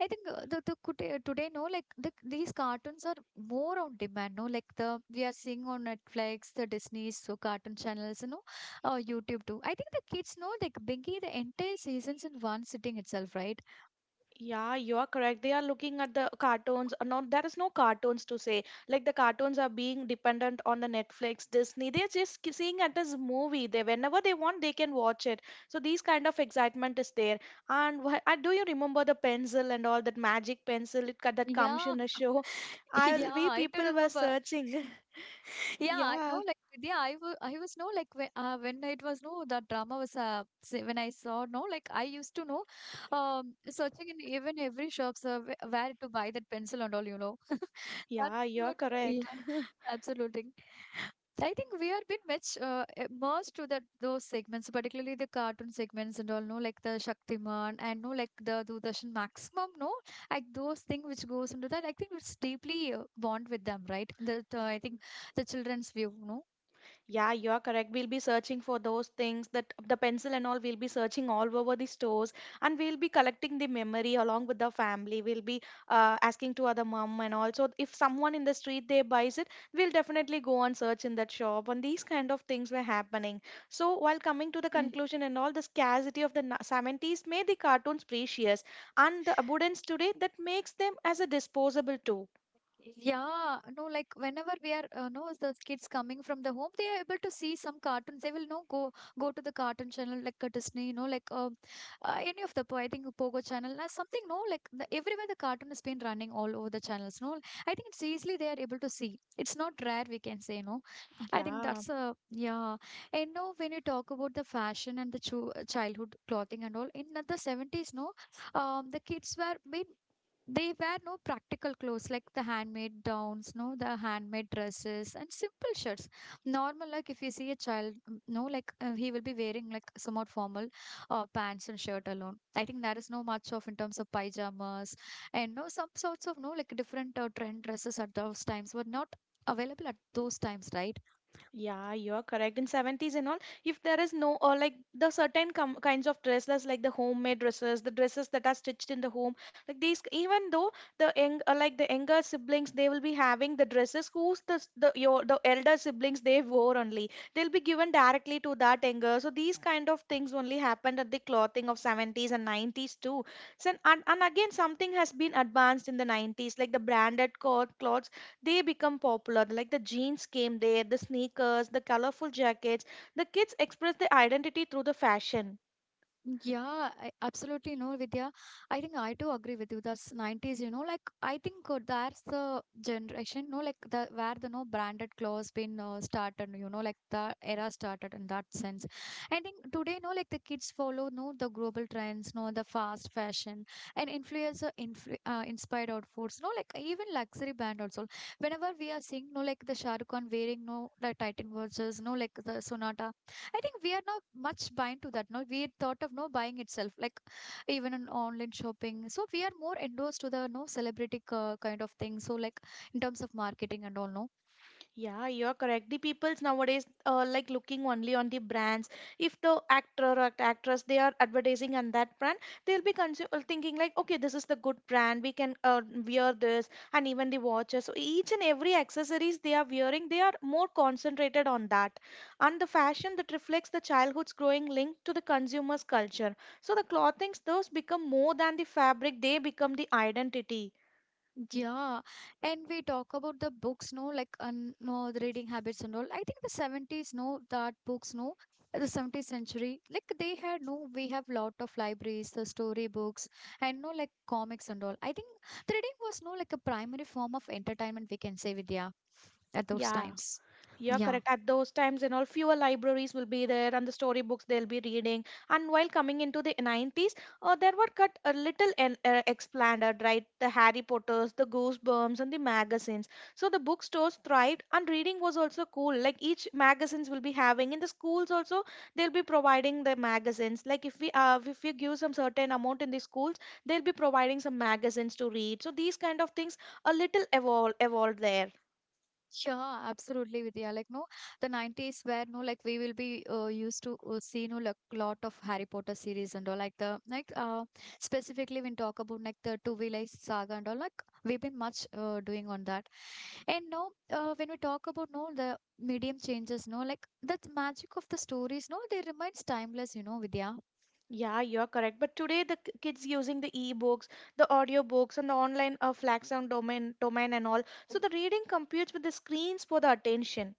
[SPEAKER 1] I think the today, today, no like, the, these cartoons are more on demand, no like, the we are seeing on Netflix, the Disney, so cartoon channels, you know, YouTube too. I think the kids know like Binky the entire seasons in one sitting itself, right?
[SPEAKER 2] Yeah, you are correct. They are looking at the cartoons. No, there is no cartoons to say. Like the cartoons are being dependent on the Netflix, Disney. They're just seeing it as movie. They whenever they want, they can watch it. So these kind of excitement is there. And do you remember the pencil and all, that magic pencil it, that comes
[SPEAKER 1] Yeah,
[SPEAKER 2] in a show? I
[SPEAKER 1] yeah,
[SPEAKER 2] we
[SPEAKER 1] I do
[SPEAKER 2] people were
[SPEAKER 1] remember.
[SPEAKER 2] searching.
[SPEAKER 1] Yeah, I know,
[SPEAKER 2] Yeah,
[SPEAKER 1] like, yeah, I I was no like when it was no that drama was when I saw, no like, I used to know searching in even every shops, where to buy that pencil and all, you know.
[SPEAKER 2] yeah, you
[SPEAKER 1] Starting
[SPEAKER 2] are
[SPEAKER 1] note,
[SPEAKER 2] correct.
[SPEAKER 1] yeah, absolutely. I think we have been much immersed to that those segments, particularly the cartoon segments and all, no, like the Shaktiman and no, like the Doordarshan maximum, no, like those things which goes into that. I think it's deeply bond with them, right? That I think the children's view, no.
[SPEAKER 2] Yeah, you are correct. We'll be searching for those things, that the pencil and all. We'll be searching all over the stores, and we'll be collecting the memory along with the family. We'll be asking to other mom and also if someone in the street they buys it, we'll definitely go and search in that shop. And these kind of things were happening. So while coming to the conclusion and all, the scarcity of the 70s made the cartoons precious and the abundance today that makes them as a disposable too.
[SPEAKER 1] Yeah, no, like whenever we are, no, the kids coming from the home, they are able to see some cartoons. They will no go to the cartoon channel like Disney, you know, like any of the I think Pogo channel, something. No, like the, everywhere the cartoon has been running all over the channels. No, I think it's easily they are able to see. It's not rare, we can say, no. I think
[SPEAKER 2] Yeah.
[SPEAKER 1] that's a yeah. And no, when you talk about the fashion and the childhood clothing and all in the 70s, no, the kids were made, they wear no practical clothes like the handmade gowns, no, the handmade dresses and simple shirts. Normal, like if you see a child, mm, no, like he will be wearing like somewhat formal pants and shirt alone. I think there is no much of in terms of pyjamas and no some sorts of no like different trend dresses at those times, were not available at those times, right?
[SPEAKER 2] Yeah, you're correct. In 70s and all, if there is no or like the certain com kinds of dresses, like the homemade dresses, the dresses that are stitched in the home, like these, even though the young, like the younger siblings, they will be having the dresses who's the the your the elder siblings they wore only. They'll be given directly to that younger. So these kind of things only happened at the clothing of 70s and 90s too. So and again something has been advanced in the 90s, like the branded cloth clothes they become popular. Like the jeans came there, the sneakers, the colorful jackets. The kids express their identity through the fashion.
[SPEAKER 1] Yeah, I absolutely no, Vidya. I think I do agree with you. That's 90s, you know, like I think that's the generation, no, like the where the no branded clothes been started, you know, like the era started in that sense. I think today, no, like the kids follow no the global trends, no the fast fashion and influencer influ inspired outfits, no, like even luxury brand also. Whenever we are seeing, no, like the Shah Rukh Khan wearing no the Titan watches, no, like the Sonata. I think we are not much bind to that. No, we thought of no buying itself, like even in online shopping. So we are more endorsed to the no celebrity kind of thing. So like in terms of marketing and all, no.
[SPEAKER 2] Yeah, you're correct. The peoples nowadays like looking only on the brands. If the actor or actress they are advertising on that brand, they'll be thinking like, okay, this is the good brand. We can wear this, and even the watches. So each and every accessories they are wearing, they are more concentrated on that, and the fashion that reflects the childhood's growing link to the consumer's culture. So the clothings those become more than the fabric; they become the identity.
[SPEAKER 1] Yeah, and we talk about the books, no, like un no the reading habits and all. I think the 70s, no, that books, no, the 70th century, like they had no, we have lot of libraries, the story books, and no, like comics and all. I think the reading was no, like a primary form of entertainment, we can say, Vidya, at those
[SPEAKER 2] Yeah.
[SPEAKER 1] times.
[SPEAKER 2] Yeah,
[SPEAKER 1] Yeah.
[SPEAKER 2] correct. At those times and all, fewer libraries will be there and the storybooks they'll be reading. And while coming into the 90s, there were cut a little and expanded, right? The Harry Potters, the Goosebumps, and the magazines. So the bookstores thrived and reading was also cool. Like each magazines will be having. In the schools also, they'll be providing the magazines. Like if we give some certain amount in the schools, they'll be providing some magazines to read. So these kind of things a little evolved there.
[SPEAKER 1] Sure, absolutely, Vidya. Like, no, the 90s where, no, like, we will be used to see, no, like, lot of Harry Potter series and all, like, like, specifically when talk about, like, the Two Village saga and all, like, we've been much doing on that. And now, when we talk about, no, the medium changes, no, like, the magic of the stories, no, they remains timeless, you know, Vidya.
[SPEAKER 2] Yeah, you're correct. But today the kids using the e-books, the audiobooks, and the online flags on domain and all. So the reading competes with the screens for the attention.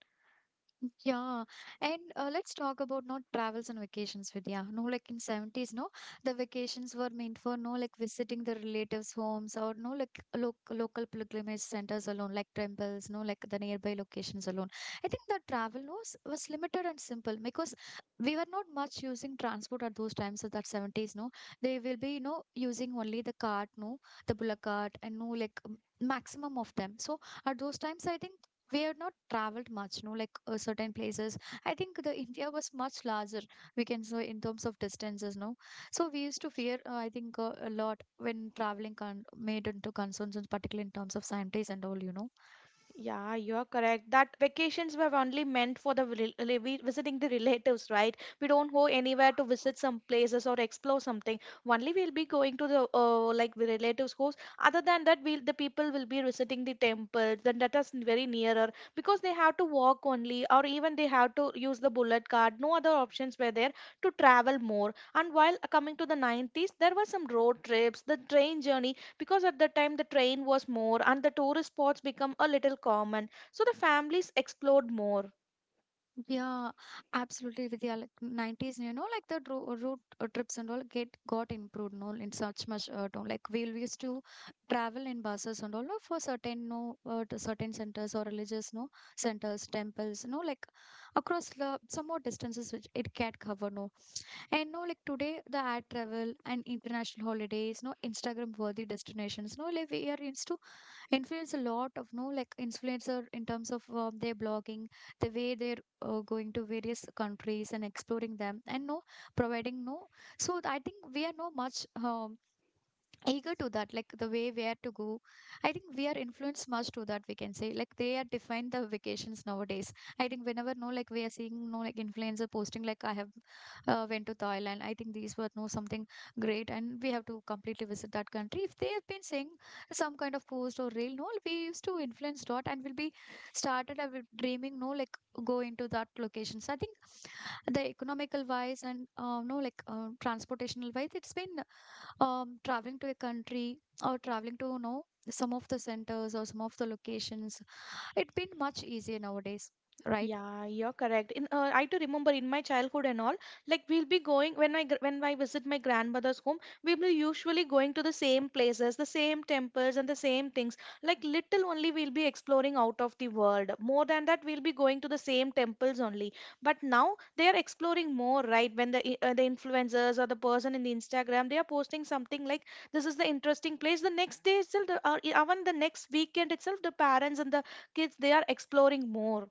[SPEAKER 1] Yeah, and let's talk about not travels and vacations, Vidya. No, like in 70s, no, the vacations were meant for no like visiting the relatives' homes or no like lo local pilgrimage centers alone, like temples, no like the nearby locations alone. I think the travel was limited and simple because we were not much using transport at those times of that 70s, no. They will be, you know, using only the cart, no, the bullock cart and no like maximum of them. So at those times, I think we have not traveled much no like certain places. I think the India was much larger, we can say, in terms of distances, no. So we used to fear, I think a lot when made into concerns, and particularly in terms of scientists and all, you know.
[SPEAKER 2] Yeah, you're correct. That vacations were only meant for the visiting the relatives, right? We don't go anywhere to visit some places or explore something. Only we'll be going to the like the relatives' house. Other than that, we'll the people will be visiting the temples, and that is very nearer because they have to walk only, or even they have to use the bullet card. No other options were there to travel more. And while coming to the 90s, there were some road trips, the train journey because at that time the train was more and the tourist spots become a little common, so the families explored more.
[SPEAKER 1] Yeah, absolutely, Vidya. Like nineties, you know, like the ro road trips and all get got improved, no, in such much town. Like we used to travel in buses and all no, for certain no to certain centers or religious no centers, temples, no, like across the some more distances which it can't cover, no. And no, like today the air travel and international holidays, no Instagram worthy destinations, no, like we are used to influence a lot of no like influencer in terms of their blogging, the way they're going to various countries and exploring them, and no providing no. So I think we are no much eager to that, like the way where to go. I think we are influenced much to that, we can say, like they are defined the vacations nowadays. I think whenever no like we are seeing no like influencer posting like I have went to Thailand. I think these were no something great, and we have to completely visit that country if they have been saying some kind of post or reel, no, we used to influence dot and will be started. I will dreaming no like go into that locations. I think the economical wise and no like transportational wise, it's been traveling to a country, or traveling to, you know, some of the centers or some of the locations, it's been much easier nowadays, right?
[SPEAKER 2] Yeah, you're correct. In I do remember in my childhood and all, like we'll be going when when I visit my grandmother's home, we will usually going to the same places, the same temples, and the same things. Like little only we'll be exploring out of the world. More than that, we'll be going to the same temples only. But now they are exploring more, right? When the influencers or the person in the Instagram, they are posting something like this is the interesting place. The next day itself, or even the next weekend itself, the parents and the kids, they are exploring more.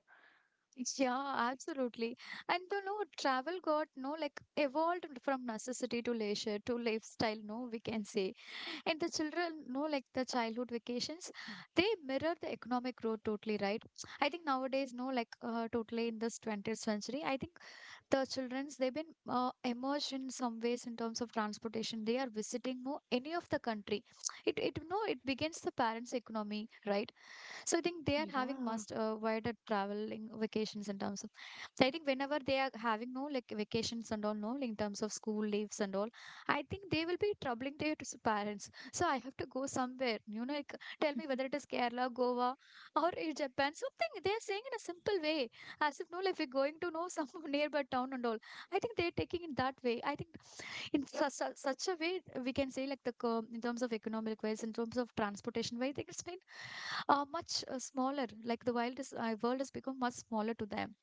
[SPEAKER 1] Yeah, absolutely. And you know, travel got no like evolved from necessity to leisure to lifestyle, no, we can say. And the children no like the childhood vacations, they mirror the economic growth totally, right? I think nowadays no like totally in this 20th century, I think the children's they've been immersed in some ways in terms of transportation. They are visiting no any of the country. It no it begins the parents economy, right? So I think they are having
[SPEAKER 2] Yeah,
[SPEAKER 1] must wider traveling vacations in terms of. So I think whenever they are having no like vacations and all no in terms of school leaves and all, I think they will be troubling their parents. So I have to go somewhere. You know, like tell me whether it is Kerala, Goa, or in Japan. Something they are saying in a simple way, as if no, like we're going to know some nearby town and all. I think they're taking it that way. I think in such a way we can say like in terms of economic wise, in terms of transportation wise, I think it's been are much smaller. Like the wild is, world has become much smaller to them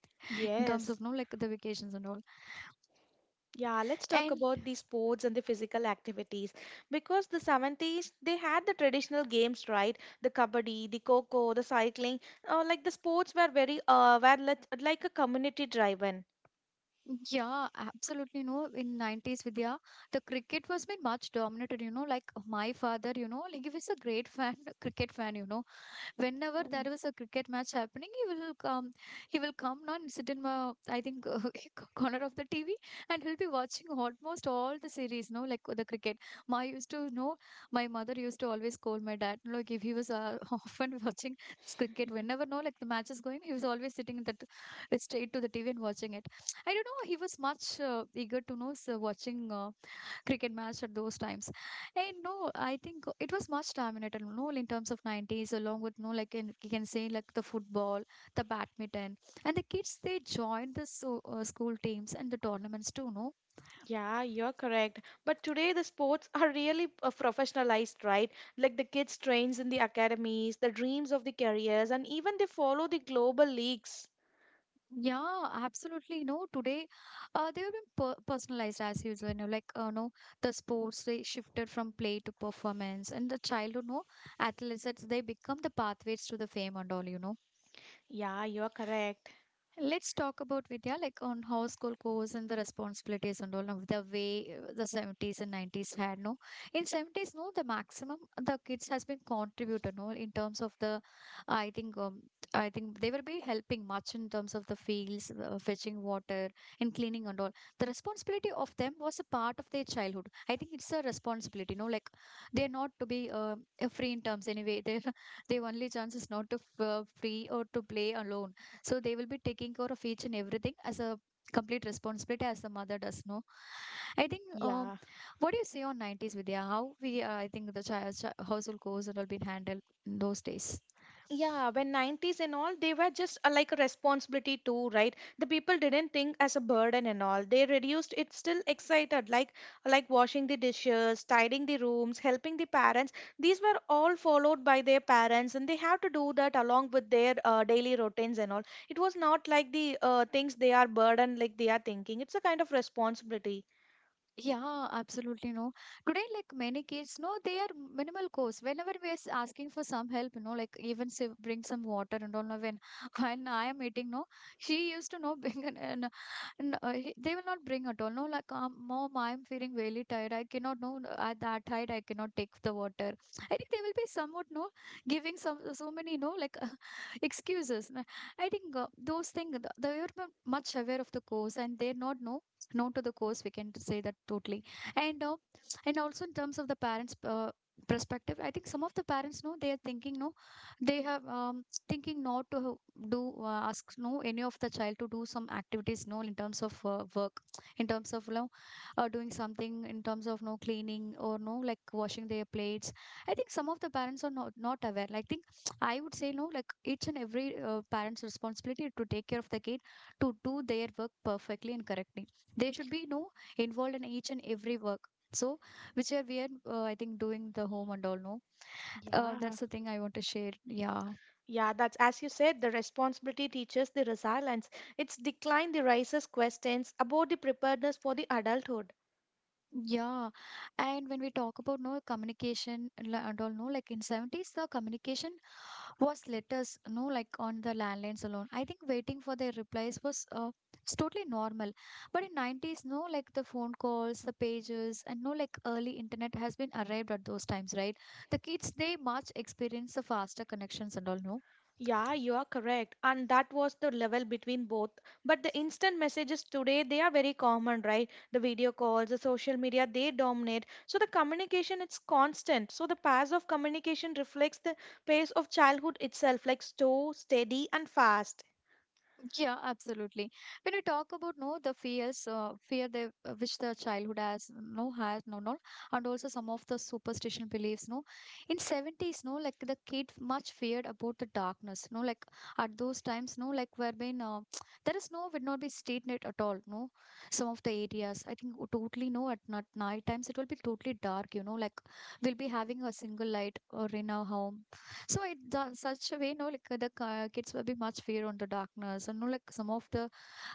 [SPEAKER 1] in terms of
[SPEAKER 2] yes.
[SPEAKER 1] no like the vacations and all.
[SPEAKER 2] Yeah, let's talk
[SPEAKER 1] And
[SPEAKER 2] about the sports and the physical activities. Because the 70s, they had the traditional games, right? The kabaddi, the coco, the cycling. Like the sports were very, like a community driven.
[SPEAKER 1] yeah, absolutely no. In nineties, Vidya, the cricket was been much dominated. You know, like my father, you know, like he was a great fan, cricket fan. You know, whenever there
[SPEAKER 2] Mm.
[SPEAKER 1] is a cricket match happening, he will come. He will come now and sit in my, I think, corner of the TV, and he'll be watching almost all the series. No, like the cricket. My used to know. My mother used to always call my dad. No, Like if he was often watching this cricket, whenever no, like the match is going, he was always sitting in that straight to the TV and watching it. I don't know. He was much eager to know so watching. Cricket match at those times. And no, I think it was much dominated. No, in terms of 90s, along with, no, like in, you can say, like the football, the badminton. And the kids, they joined the school teams and the tournaments too, no?
[SPEAKER 2] Yeah, you're correct. But today the sports are really professionalized, right? Like the kids trains in the academies, the dreams of the careers, and even they follow the global leagues.
[SPEAKER 1] Yeah, absolutely. No, today they have been personalized as usual. You know, like no, the sports they shifted from play to performance, and the childhood, no, athletes they become the pathways to the fame and all. You know,
[SPEAKER 2] Yeah, you're correct.
[SPEAKER 1] let's talk about Vidya, like on how school goes and the responsibilities and all now the way the 70s and 90s had. No, in 70s, no, the maximum the kids has been contributed. No, in terms of the, I think, um, I think they will be helping much in terms of the fields, fetching water and cleaning and all. The responsibility of them was a part of their childhood. I think it's a responsibility. No, like they're not to be free in terms anyway. They their only chance is not to free or to play alone, so they will be taking care of each and everything as a complete responsibility as the mother does know. I think
[SPEAKER 2] Yeah.
[SPEAKER 1] what do you say on 90s Vidya? How we I think the child household chores and all been handled in those days.
[SPEAKER 2] Yeah, when 90s and all, they were just like a responsibility too, right? The people didn't think as a burden and all. They reduced it still excited, like washing the dishes, tidying the rooms, helping the parents. These were all followed by their parents, and they have to do that along with their daily routines and all. It was not like the things they are burden like they are thinking. It's a kind of responsibility.
[SPEAKER 1] Yeah, absolutely. No, today, like many kids, no, they are minimal course. Whenever we are asking for some help, you know, like even say bring some water and all. No, when when I am eating, no, she used to know bring an he- they will not bring at all. No, like mom, I am feeling really tired. I cannot no no, at that height. I cannot take the water. I think they will be somewhat no giving some so many no like excuses. No, I think those things they are much aware of the course, and they're not no no, to the course we can say that totally. And and also in terms of the parents perspective, I think some of the parents know they are thinking no they have thinking not to do ask no any of the child to do some activities no in terms of work, in terms of you know, doing something in terms of no cleaning or no like washing their plates. I think some of the parents are not aware, like I think I would say no like each and every parents responsibility to take care of the kid to do their work perfectly and correctly. They should be, you know, involved in each and every work, so which are we are I think doing the home and all, no
[SPEAKER 2] Yeah.
[SPEAKER 1] that's the thing I want to share. Yeah.
[SPEAKER 2] Yeah, that's as you said, the responsibility teaches the resilience. Its decline the raises questions about the preparedness for the adulthood.
[SPEAKER 1] Yeah, and when we talk about no and all, no, like in 70s, the communication was letters, no, like on the landlines alone. I think waiting for their replies was it's totally normal. But in 90s, no, like the phone calls, the pages, and no, like early internet has been arrived at those times, right? The kids, they much experience the faster connections and all, no.
[SPEAKER 2] Yeah, you are correct. And that was the level between both. But the instant messages today, they are very common, right? The video calls, the social media, they dominate. So the communication, it's constant. So the pace of communication reflects the pace of childhood itself, like slow, steady, and fast.
[SPEAKER 1] Yeah, absolutely. When we talk about no the fears, fear they which the childhood has no no, and also some of the superstition beliefs. No, in seventies, no like the kid much feared about the darkness. No, like at those times, no like where been there is no would not be street light at all. No, some of the areas I think totally no at night, night times it will be totally dark. You know, like we'll be having a single light or in our home so it done such a way, no, like the kids will be much fear on the darkness, and no, like some of the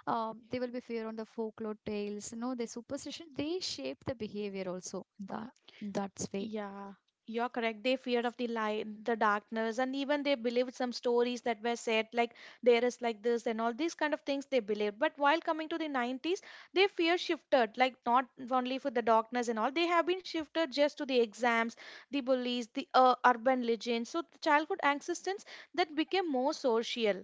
[SPEAKER 1] they will be fear on the folklore tales, you know, the superstition. They shape the behavior also. That that's way.
[SPEAKER 2] Yeah, you're correct. They feared of the light, the darkness, and even they believed some stories that were said, like there is like this and all these kind of things they believed. But while coming to the 90s, their fear shifted, like not only for the darkness and all, they have been shifted just to the exams, the bullies, the urban legends. So the childhood existence that became more social.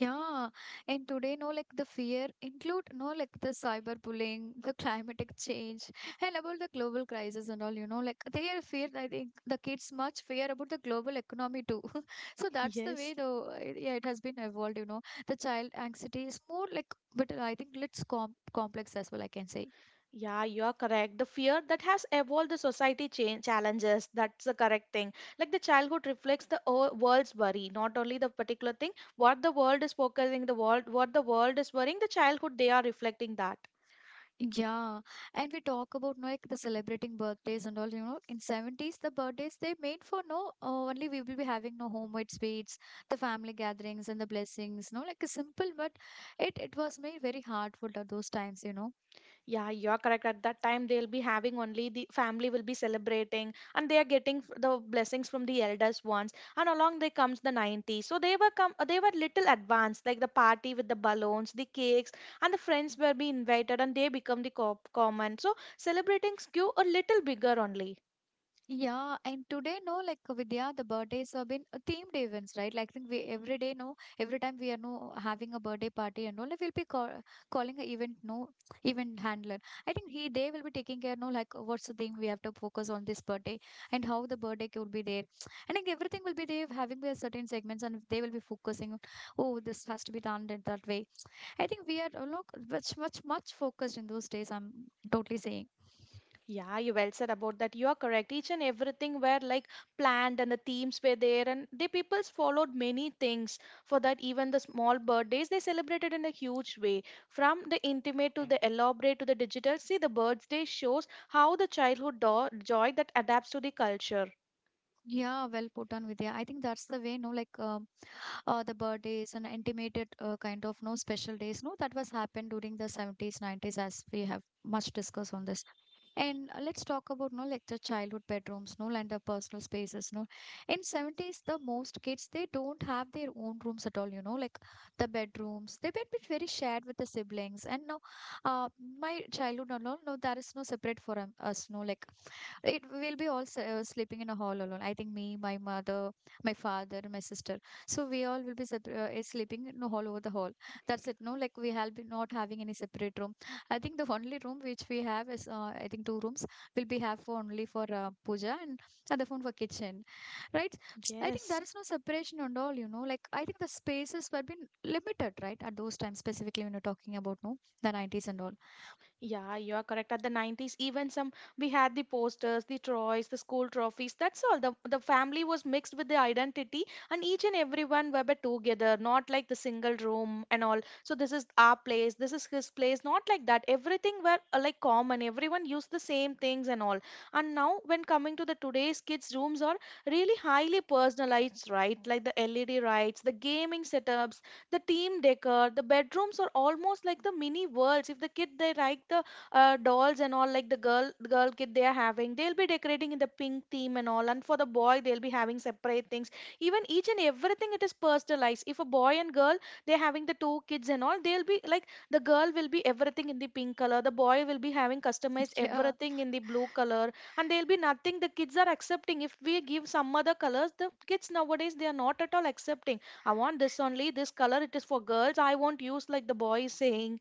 [SPEAKER 1] Yeah, and today, no, like the fear include, no, like the cyberbullying, the climatic change, and about the global crisis and all, you know, like they are fear, I think the kids much fear about the global economy too. So that's the
[SPEAKER 2] Yes.
[SPEAKER 1] way though, yeah, it has been evolved, you know, the child anxiety is more like, but I think it's complex as well, I can say.
[SPEAKER 2] Yeah, you are correct. The fear that has evolved the society change challenges. That's the correct thing. Like the childhood reflects the world's worry, not only the particular thing. What the world is focusing, what the world is worrying, the childhood they are reflecting that.
[SPEAKER 1] Yeah, and we talk about like the celebrating birthdays and all. You know, in seventies, the birthdays they made for no only we will be having no homemade sweets, the family gatherings and the blessings. No, like a simple, but it was made very hard for those times. You know,
[SPEAKER 2] Yeah, you're correct. At that time, they'll be having only the family will be celebrating and they are getting the blessings from the elders ones. And along they comes the 90s. So they were little advanced, like the party with the balloons, the cakes, and the friends were be invited and they become the co common. So celebrating skew a little bigger only.
[SPEAKER 1] yeah, and today, no, like Vidya, the birthdays have been themed events, right? Like, think we every day, no, every time we are no having a birthday party and all, like, calling an event, no, event handler. I think he they will be taking care, no, like what's the thing we have to focus on this birthday and how the birthday could be there. I think everything will be there, having their certain segments, and they will be focusing on, oh, this has to be done in that way. I think we are look much focused in those days. I'm totally saying.
[SPEAKER 2] Yeah, you well said about that. You are correct. Each and everything were like planned and the themes were there and the peoples followed many things for that, even the small birthdays they celebrated in a huge way. From the intimate to the elaborate to the digital, see the birthday shows how the joy that adapts to the culture.
[SPEAKER 1] Yeah, well put on, Vidya. I think that's the way, no, like. The birthdays and intimated kind of no special days no that was happened during the 70s 90s as we have much discussed on this and let's talk about no like the childhood bedrooms no and the personal spaces no in 70s the most kids they don't have their own rooms at all, you know, like the bedrooms they were bit very shared with the siblings and now uh, my childhood and all no there is no separate for us no like it will be all sleeping in a hall alone. I think me, my mother, my father, my sister. So we all will be is sleeping in a hall over the hall. That's it. No, like we have been not having any separate room. I think the only room which we have is I think two rooms will be have for only for puja and other one for kitchen, right? I think
[SPEAKER 2] Yes.
[SPEAKER 1] there is no separation and all. You know, like I think the spaces were been limited, right? At those times specifically when you're talking about no the 90s and all.
[SPEAKER 2] Yeah, you are correct. At the 90s, even some we had the posters, the toys, the school trophies. That's all. The family was mixed with the identity, and each and everyone were but together, not like the single room and all. So this is our place, this is his place, not like that. Everything were like common. Everyone used the same things and all. And now, when coming to the today's kids' rooms, are really highly personalized, right? Like the LED lights, the gaming setups, the team decor, the bedrooms are almost like the mini worlds. If the kid they like the dolls and all, like the girl kid they are having, they'll be decorating in the pink theme and all, and for the boy they'll be having separate things. Even each and everything it is personalized. If a boy and girl they're having the two kids and all, they'll be like the girl will be everything in the pink color, the boy will be having customized
[SPEAKER 1] Yeah,
[SPEAKER 2] everything in the blue color, and there'll be nothing the kids are accepting. If we give some other colors, the kids nowadays they are not at all accepting. I want this only. This color, it is for girls. I won't use, like the boy is saying.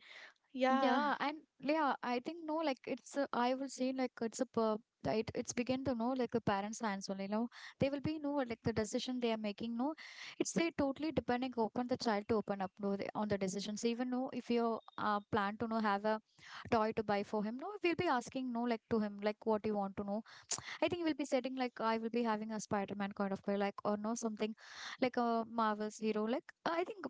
[SPEAKER 2] Yeah,
[SPEAKER 1] yeah, and yeah, I think no, like I will say like it's a it, it's begin to know like a parents' hands only. No, they will be no like the decision they are making. No, it's they totally depending upon the child to open up no, on the decisions. Even no, if you plan to no have a toy to buy for him, no, we'll be asking no like to him like what you want to know. I think we'll be setting like I will be having a Spider-Man kind of toy, like or no something like a Marvel's hero. Like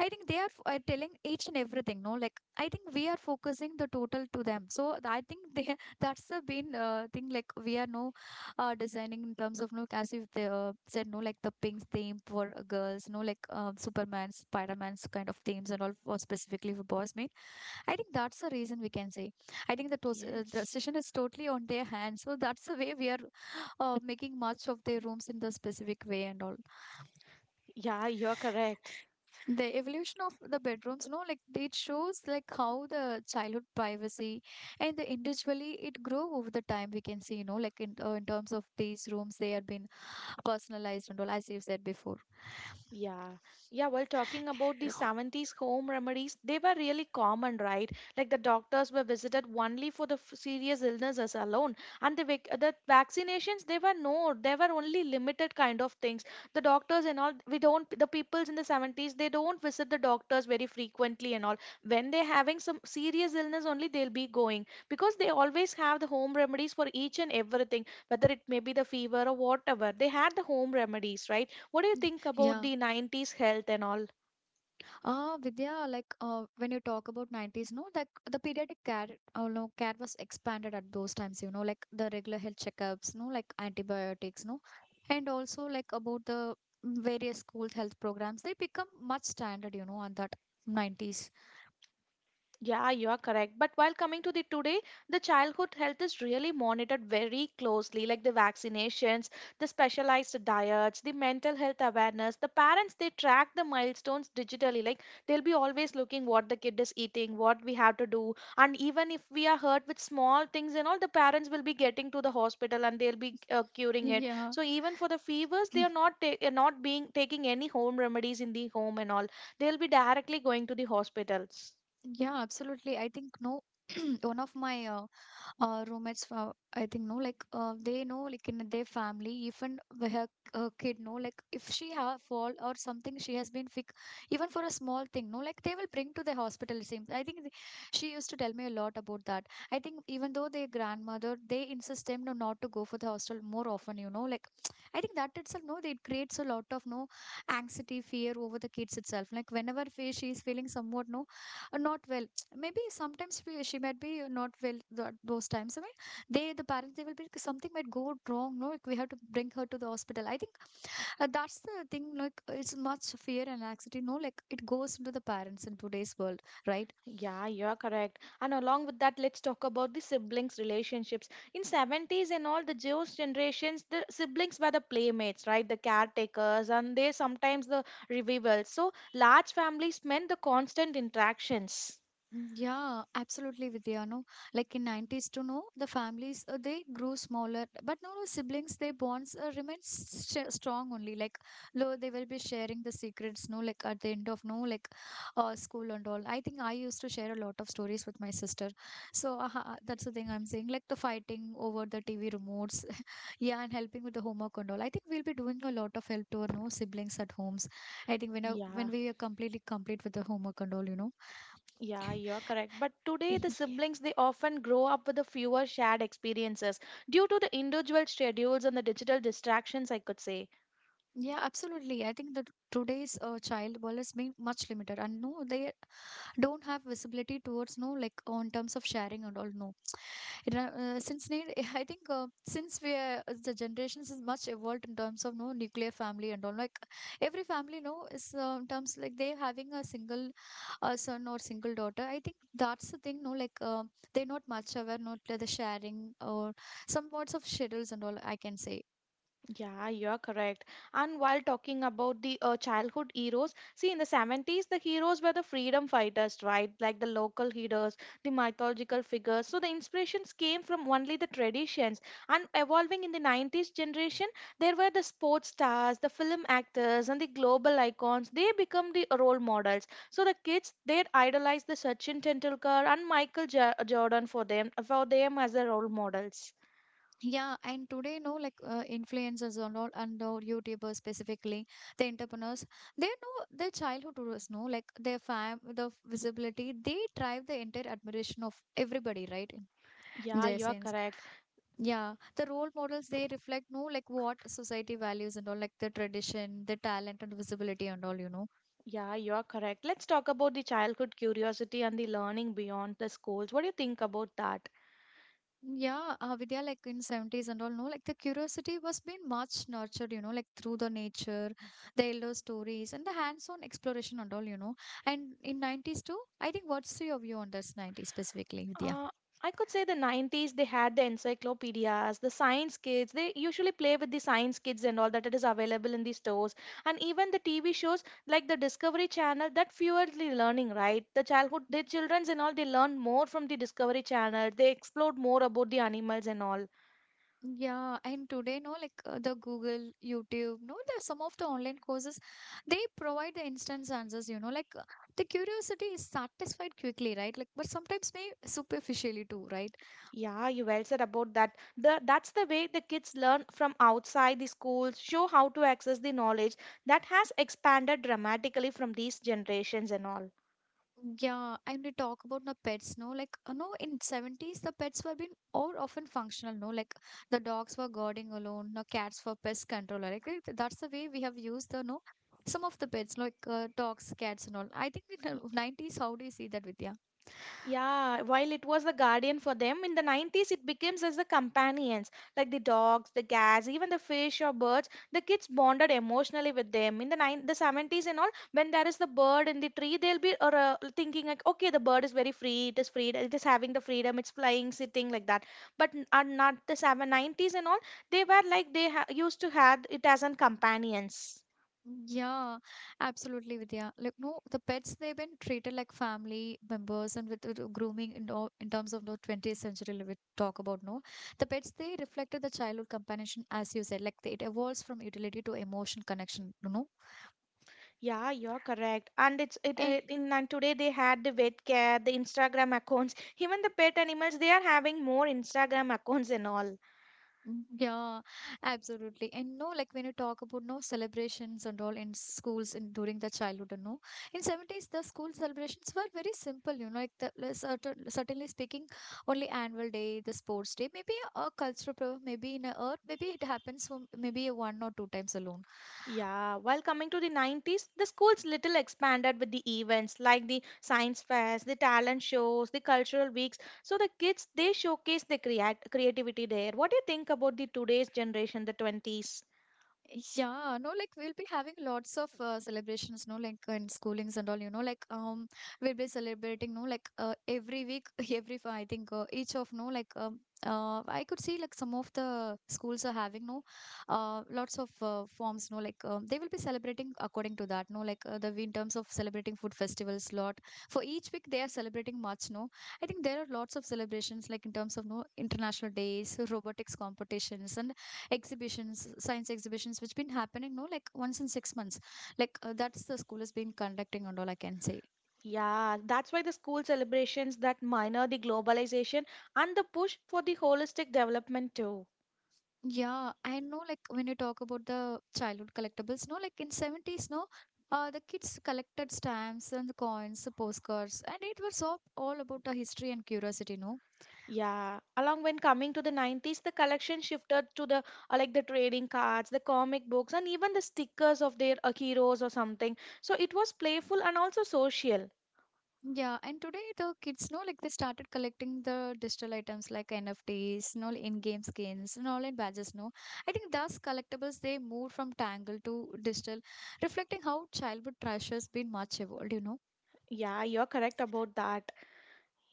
[SPEAKER 1] I think they are telling each and everything. No, like I think we are focusing the total to them. So I think they that's the main thing. Like we are no designing in terms of no as if they said no like the pink theme for girls. No, like Superman, Spider Man's kind of themes and all for specifically for boys made. I think that's the reason we can say. I think the the
[SPEAKER 2] yes.
[SPEAKER 1] session is totally on their hands. So that's the way we are making much of their rooms in the specific way and all
[SPEAKER 2] Yeah, you're correct.
[SPEAKER 1] the evolution of the bedrooms no like it shows like how the childhood privacy and the individually it grew over the time, we can see, you know, like in terms of these rooms they have been personalized and all as you said before.
[SPEAKER 2] Yeah, yeah. Well, talking about the 70s home remedies, they were really common, right? Like the doctors were visited only for the serious illnesses alone, and the vaccinations they were no, they were only limited kind of things. The doctors and all, we don't. The peoples in the 70s they don't visit the doctors very frequently and all. When they're having some serious illness, only they'll be going because they always have the home remedies for each and everything, whether it may be the fever or whatever. They had the home remedies, right? What do you
[SPEAKER 1] Y-
[SPEAKER 2] think about
[SPEAKER 1] yeah,
[SPEAKER 2] the 90s health and all?
[SPEAKER 1] ah, Vidya, like when you talk about 90s, no, like the pediatric care, no, care was expanded at those times, you know, like the regular health checkups, no, like antibiotics, no, and also like about the various school health programs, they become much standard, you know, on that 90s.
[SPEAKER 2] Yeah, you are correct. But while coming to the today, the childhood health is really monitored very closely, like the vaccinations, the specialized diets, the mental health awareness. The parents they track the milestones digitally, like they'll be always looking what the kid is eating, what we have to do, and even if we are hurt with small things and all, the parents will be getting to the hospital and they'll be curing it.
[SPEAKER 1] Yeah,
[SPEAKER 2] So even for the fevers, they are not being taking any home remedies in the home and all. They'll be directly going to the hospitals.
[SPEAKER 1] yeah, absolutely. I think no, one of my roommates I think no like they know like in their family even with her, her kid know, like if she have a fall or something she has been sick. Even for a small thing no like they will bring to the hospital it seems. I think she used to tell me a lot about that. I think even though their grandmother they insist them no, not to go for the hostel more often, you know, like I think that itself no it creates a lot of no anxiety fear over the kids itself like whenever she is feeling somewhat no not well, maybe sometimes she might be not well those times. I mean, they the parents they will be something might go wrong. No, like we have to bring her to the hospital. I think that's the thing. Like it's much fear and anxiety. No, like it goes into the parents in today's world, right?
[SPEAKER 2] Yeah, you're correct. And along with that, let's talk about the siblings' relationships. In 70s and all the Jewish generations, the siblings were the playmates, right? The caretakers and they sometimes the revivals. So large families meant the constant interactions.
[SPEAKER 1] Yeah, absolutely, Vidya. No, like in 90s to know the families they grew smaller, but no, no siblings their bonds remain strong only. Like, lo, they will be sharing the secrets. No, like at the end of no, like school and all. I think I used to share a lot of stories with my sister. So that's the thing I'm saying. Like the fighting over the TV remotes, yeah, and helping with the homework and all. I think we'll be doing a lot of help to our no siblings at homes. I think when
[SPEAKER 2] Yeah,
[SPEAKER 1] we are complete with the homework and all, you know.
[SPEAKER 2] yeah, you're correct. But today, the
[SPEAKER 1] Yeah,
[SPEAKER 2] siblings they often grow up with the fewer shared experiences due to the individual schedules and the digital distractions, I could say.
[SPEAKER 1] yeah, absolutely. I think that today's child world is being much limited, and no, they don't have visibility towards no, like on terms of sharing and all. No, you know, I think since we are as the generations is much evolved in terms of no nuclear family and all. Like every family, no, is in terms like they having a single son or single daughter. I think that's the thing. No, like they're not much aware, not the sharing or some parts of schedules and all. I can say.
[SPEAKER 2] Yeah, you're correct. And while talking about the childhood heroes, see, in the 70s, the heroes were the freedom fighters, right? Like the local heroes, the mythological figures. So the inspirations came from only the traditions. And evolving in the 90s generation, there were the sports stars, the film actors, and the global icons. They become the role models. So the kids, they idolize the Sachin Tendulkar and Jordan for them as the role models.
[SPEAKER 1] Yeah, and today, no, like influencers and all YouTubers specifically, the entrepreneurs, they know their childhood was no, like the visibility, they drive the entire admiration of everybody, right? In
[SPEAKER 2] Yeah,
[SPEAKER 1] their
[SPEAKER 2] you are
[SPEAKER 1] sense,
[SPEAKER 2] correct.
[SPEAKER 1] yeah, the role models they reflect no, like what society values and all, like the tradition, the talent and visibility and all, you know.
[SPEAKER 2] Yeah, you are correct. Let's talk about the childhood curiosity and the learning beyond the schools. What do you think about that?
[SPEAKER 1] Yeah, Vidya, like in 70s and all, no, like the curiosity was being much nurtured, you know, like through the nature, the elder stories, and the hands-on exploration and all, you know. And in 90s too, I think what's your view on this 90s specifically, Vidya?
[SPEAKER 2] Uh, I could say the 90s, they had the encyclopedias, the science kids. They usually play with the science kids and all that it is available in the stores. And even the TV shows like the Discovery Channel that fueled the learning, right? The childhood, the children's and all, they learn more from the Discovery Channel. They explored more about the animals and all.
[SPEAKER 1] Yeah, and today, no, like the Google, YouTube, no, there are some of the online courses, they provide the instant answers, you know, like the curiosity is satisfied quickly, right? Like, but sometimes may superficially too, right?
[SPEAKER 2] Yeah, you well said about that. The, that's the way the kids learn from outside the schools, show how to access the knowledge that has expanded dramatically from these generations and all.
[SPEAKER 1] Yeah, and we talk about the pets, no? Like, no, in 70s, the pets were being all often functional, no? Like, the dogs were guarding alone, the cats for pest control. Like, that's the way we have used the, no? Some of the pets, like dogs, cats, and all. I think in the 90s, how do you see that, with?
[SPEAKER 2] Yeah, while it was the guardian for them, in the 90s it becomes as the companions, like the dogs, the cats, even the fish or birds. The kids bonded emotionally with them. In the 70s and all, when there is the bird in the tree, they'll be or, thinking like, okay, the bird is very free, it is having the freedom, it's flying, sitting like that. But are not the 7 nineties and all, they were like they used to have it as an companions.
[SPEAKER 1] Yeah, absolutely, Vidya. Like, no, the pets they've been treated like family members, and with grooming in, in terms of the 20th century, like we talk about no, the pets they reflected the childhood companionship, as you said, like it evolves from utility to emotion connection, you know.
[SPEAKER 2] Yeah, you're correct. And it in and today they had the vet care, the Instagram accounts, even the pet animals, they are having more Instagram accounts and all.
[SPEAKER 1] Mm, yeah, absolutely. And no, like when you talk about no celebrations and all in schools in during the childhood and no, in 70s the school celebrations were very simple, you know, like certainly speaking, only annual day, the sports day, maybe a cultural program, maybe in a earth, maybe it happens for maybe a one or two times alone.
[SPEAKER 2] Yeah, while coming to the 90s, the schools little expanded with the events like the science fairs, the talent shows, the cultural weeks. So the kids they showcase the creativity there. What do you think about the today's generation, the 20s?
[SPEAKER 1] Yeah, no, like we'll be having lots of celebrations, no, like in schoolings and all, you know, like we'll be celebrating, no, like every week, every I think each of no, like I could see like some of the schools are having no, lots of forms, no, like they will be celebrating according to that, no, like the in terms of celebrating food festivals, lot for each week they are celebrating much, no, I think there are lots of celebrations like in terms of no international days, robotics competitions, and exhibitions science exhibitions which been happening no like once in six months. Like that's the school has been conducting and all, I can say.
[SPEAKER 2] Yeah, that's why the school celebrations that minor the globalization and the push for the holistic development too.
[SPEAKER 1] Yeah, I know like when you talk about the childhood collectibles no like in 70s no the kids collected stamps and the coins the postcards and it was all about the history and curiosity no.
[SPEAKER 2] Yeah, along when coming to the 90s, the collection shifted to the like the trading cards, the comic books, and even the stickers of their heroes or something. So it was playful and also social.
[SPEAKER 1] Yeah, and today the kids know like they started collecting the digital items like NFTs, no in-game skins, and all in badges. No, I think thus collectibles they moved from tangle to digital, reflecting how childhood trash has been much evolved. You know.
[SPEAKER 2] Yeah, you're correct about that.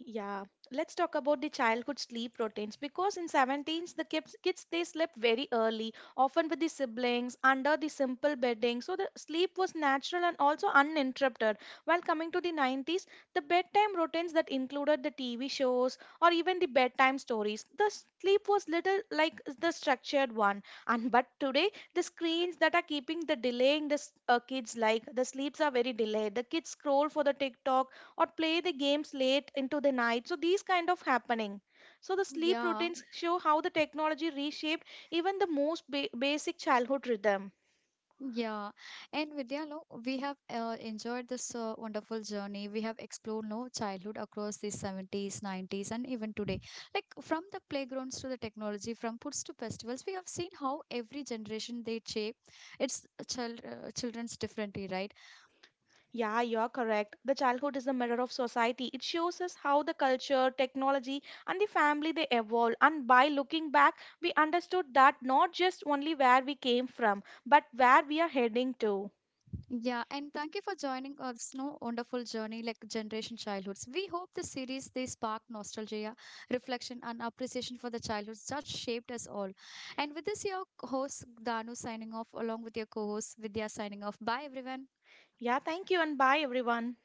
[SPEAKER 2] Yeah, let's talk about the childhood sleep routines because in 17s kids they slept very early, often with the siblings under the simple bedding. So the sleep was natural and also uninterrupted. While coming to the 90s, the bedtime routines that included the TV shows or even the bedtime stories. The sleep was little like the structured one. And but today the screens that are keeping the delaying the kids, like the sleeps are very delayed. The kids scroll for the TikTok or play the games late into the night, so these kind of happening. So the sleep
[SPEAKER 1] Yeah,
[SPEAKER 2] routines show how the technology reshaped even the most basic childhood rhythm.
[SPEAKER 1] yeah, and Vidya, no, we have enjoyed this wonderful journey. We have explored no childhood across the 70s, 90s, and even today. Like from the playgrounds to the technology, from foods to festivals, we have seen how every generation they shape its children's differently, right?
[SPEAKER 2] Yeah, you're correct. The childhood is the mirror of society. It shows us how the culture, technology, and the family they evolve. And by looking back, we understood that not just only where we came from, but where we are heading to.
[SPEAKER 1] Yeah, and thank you for joining us no wonderful journey like generation childhoods. We hope the series they spark nostalgia, reflection and appreciation for the childhoods that shaped us all. And with this your host Danu signing off along with your co-host Vidya signing off. Bye everyone.
[SPEAKER 2] Yeah, thank you and bye everyone.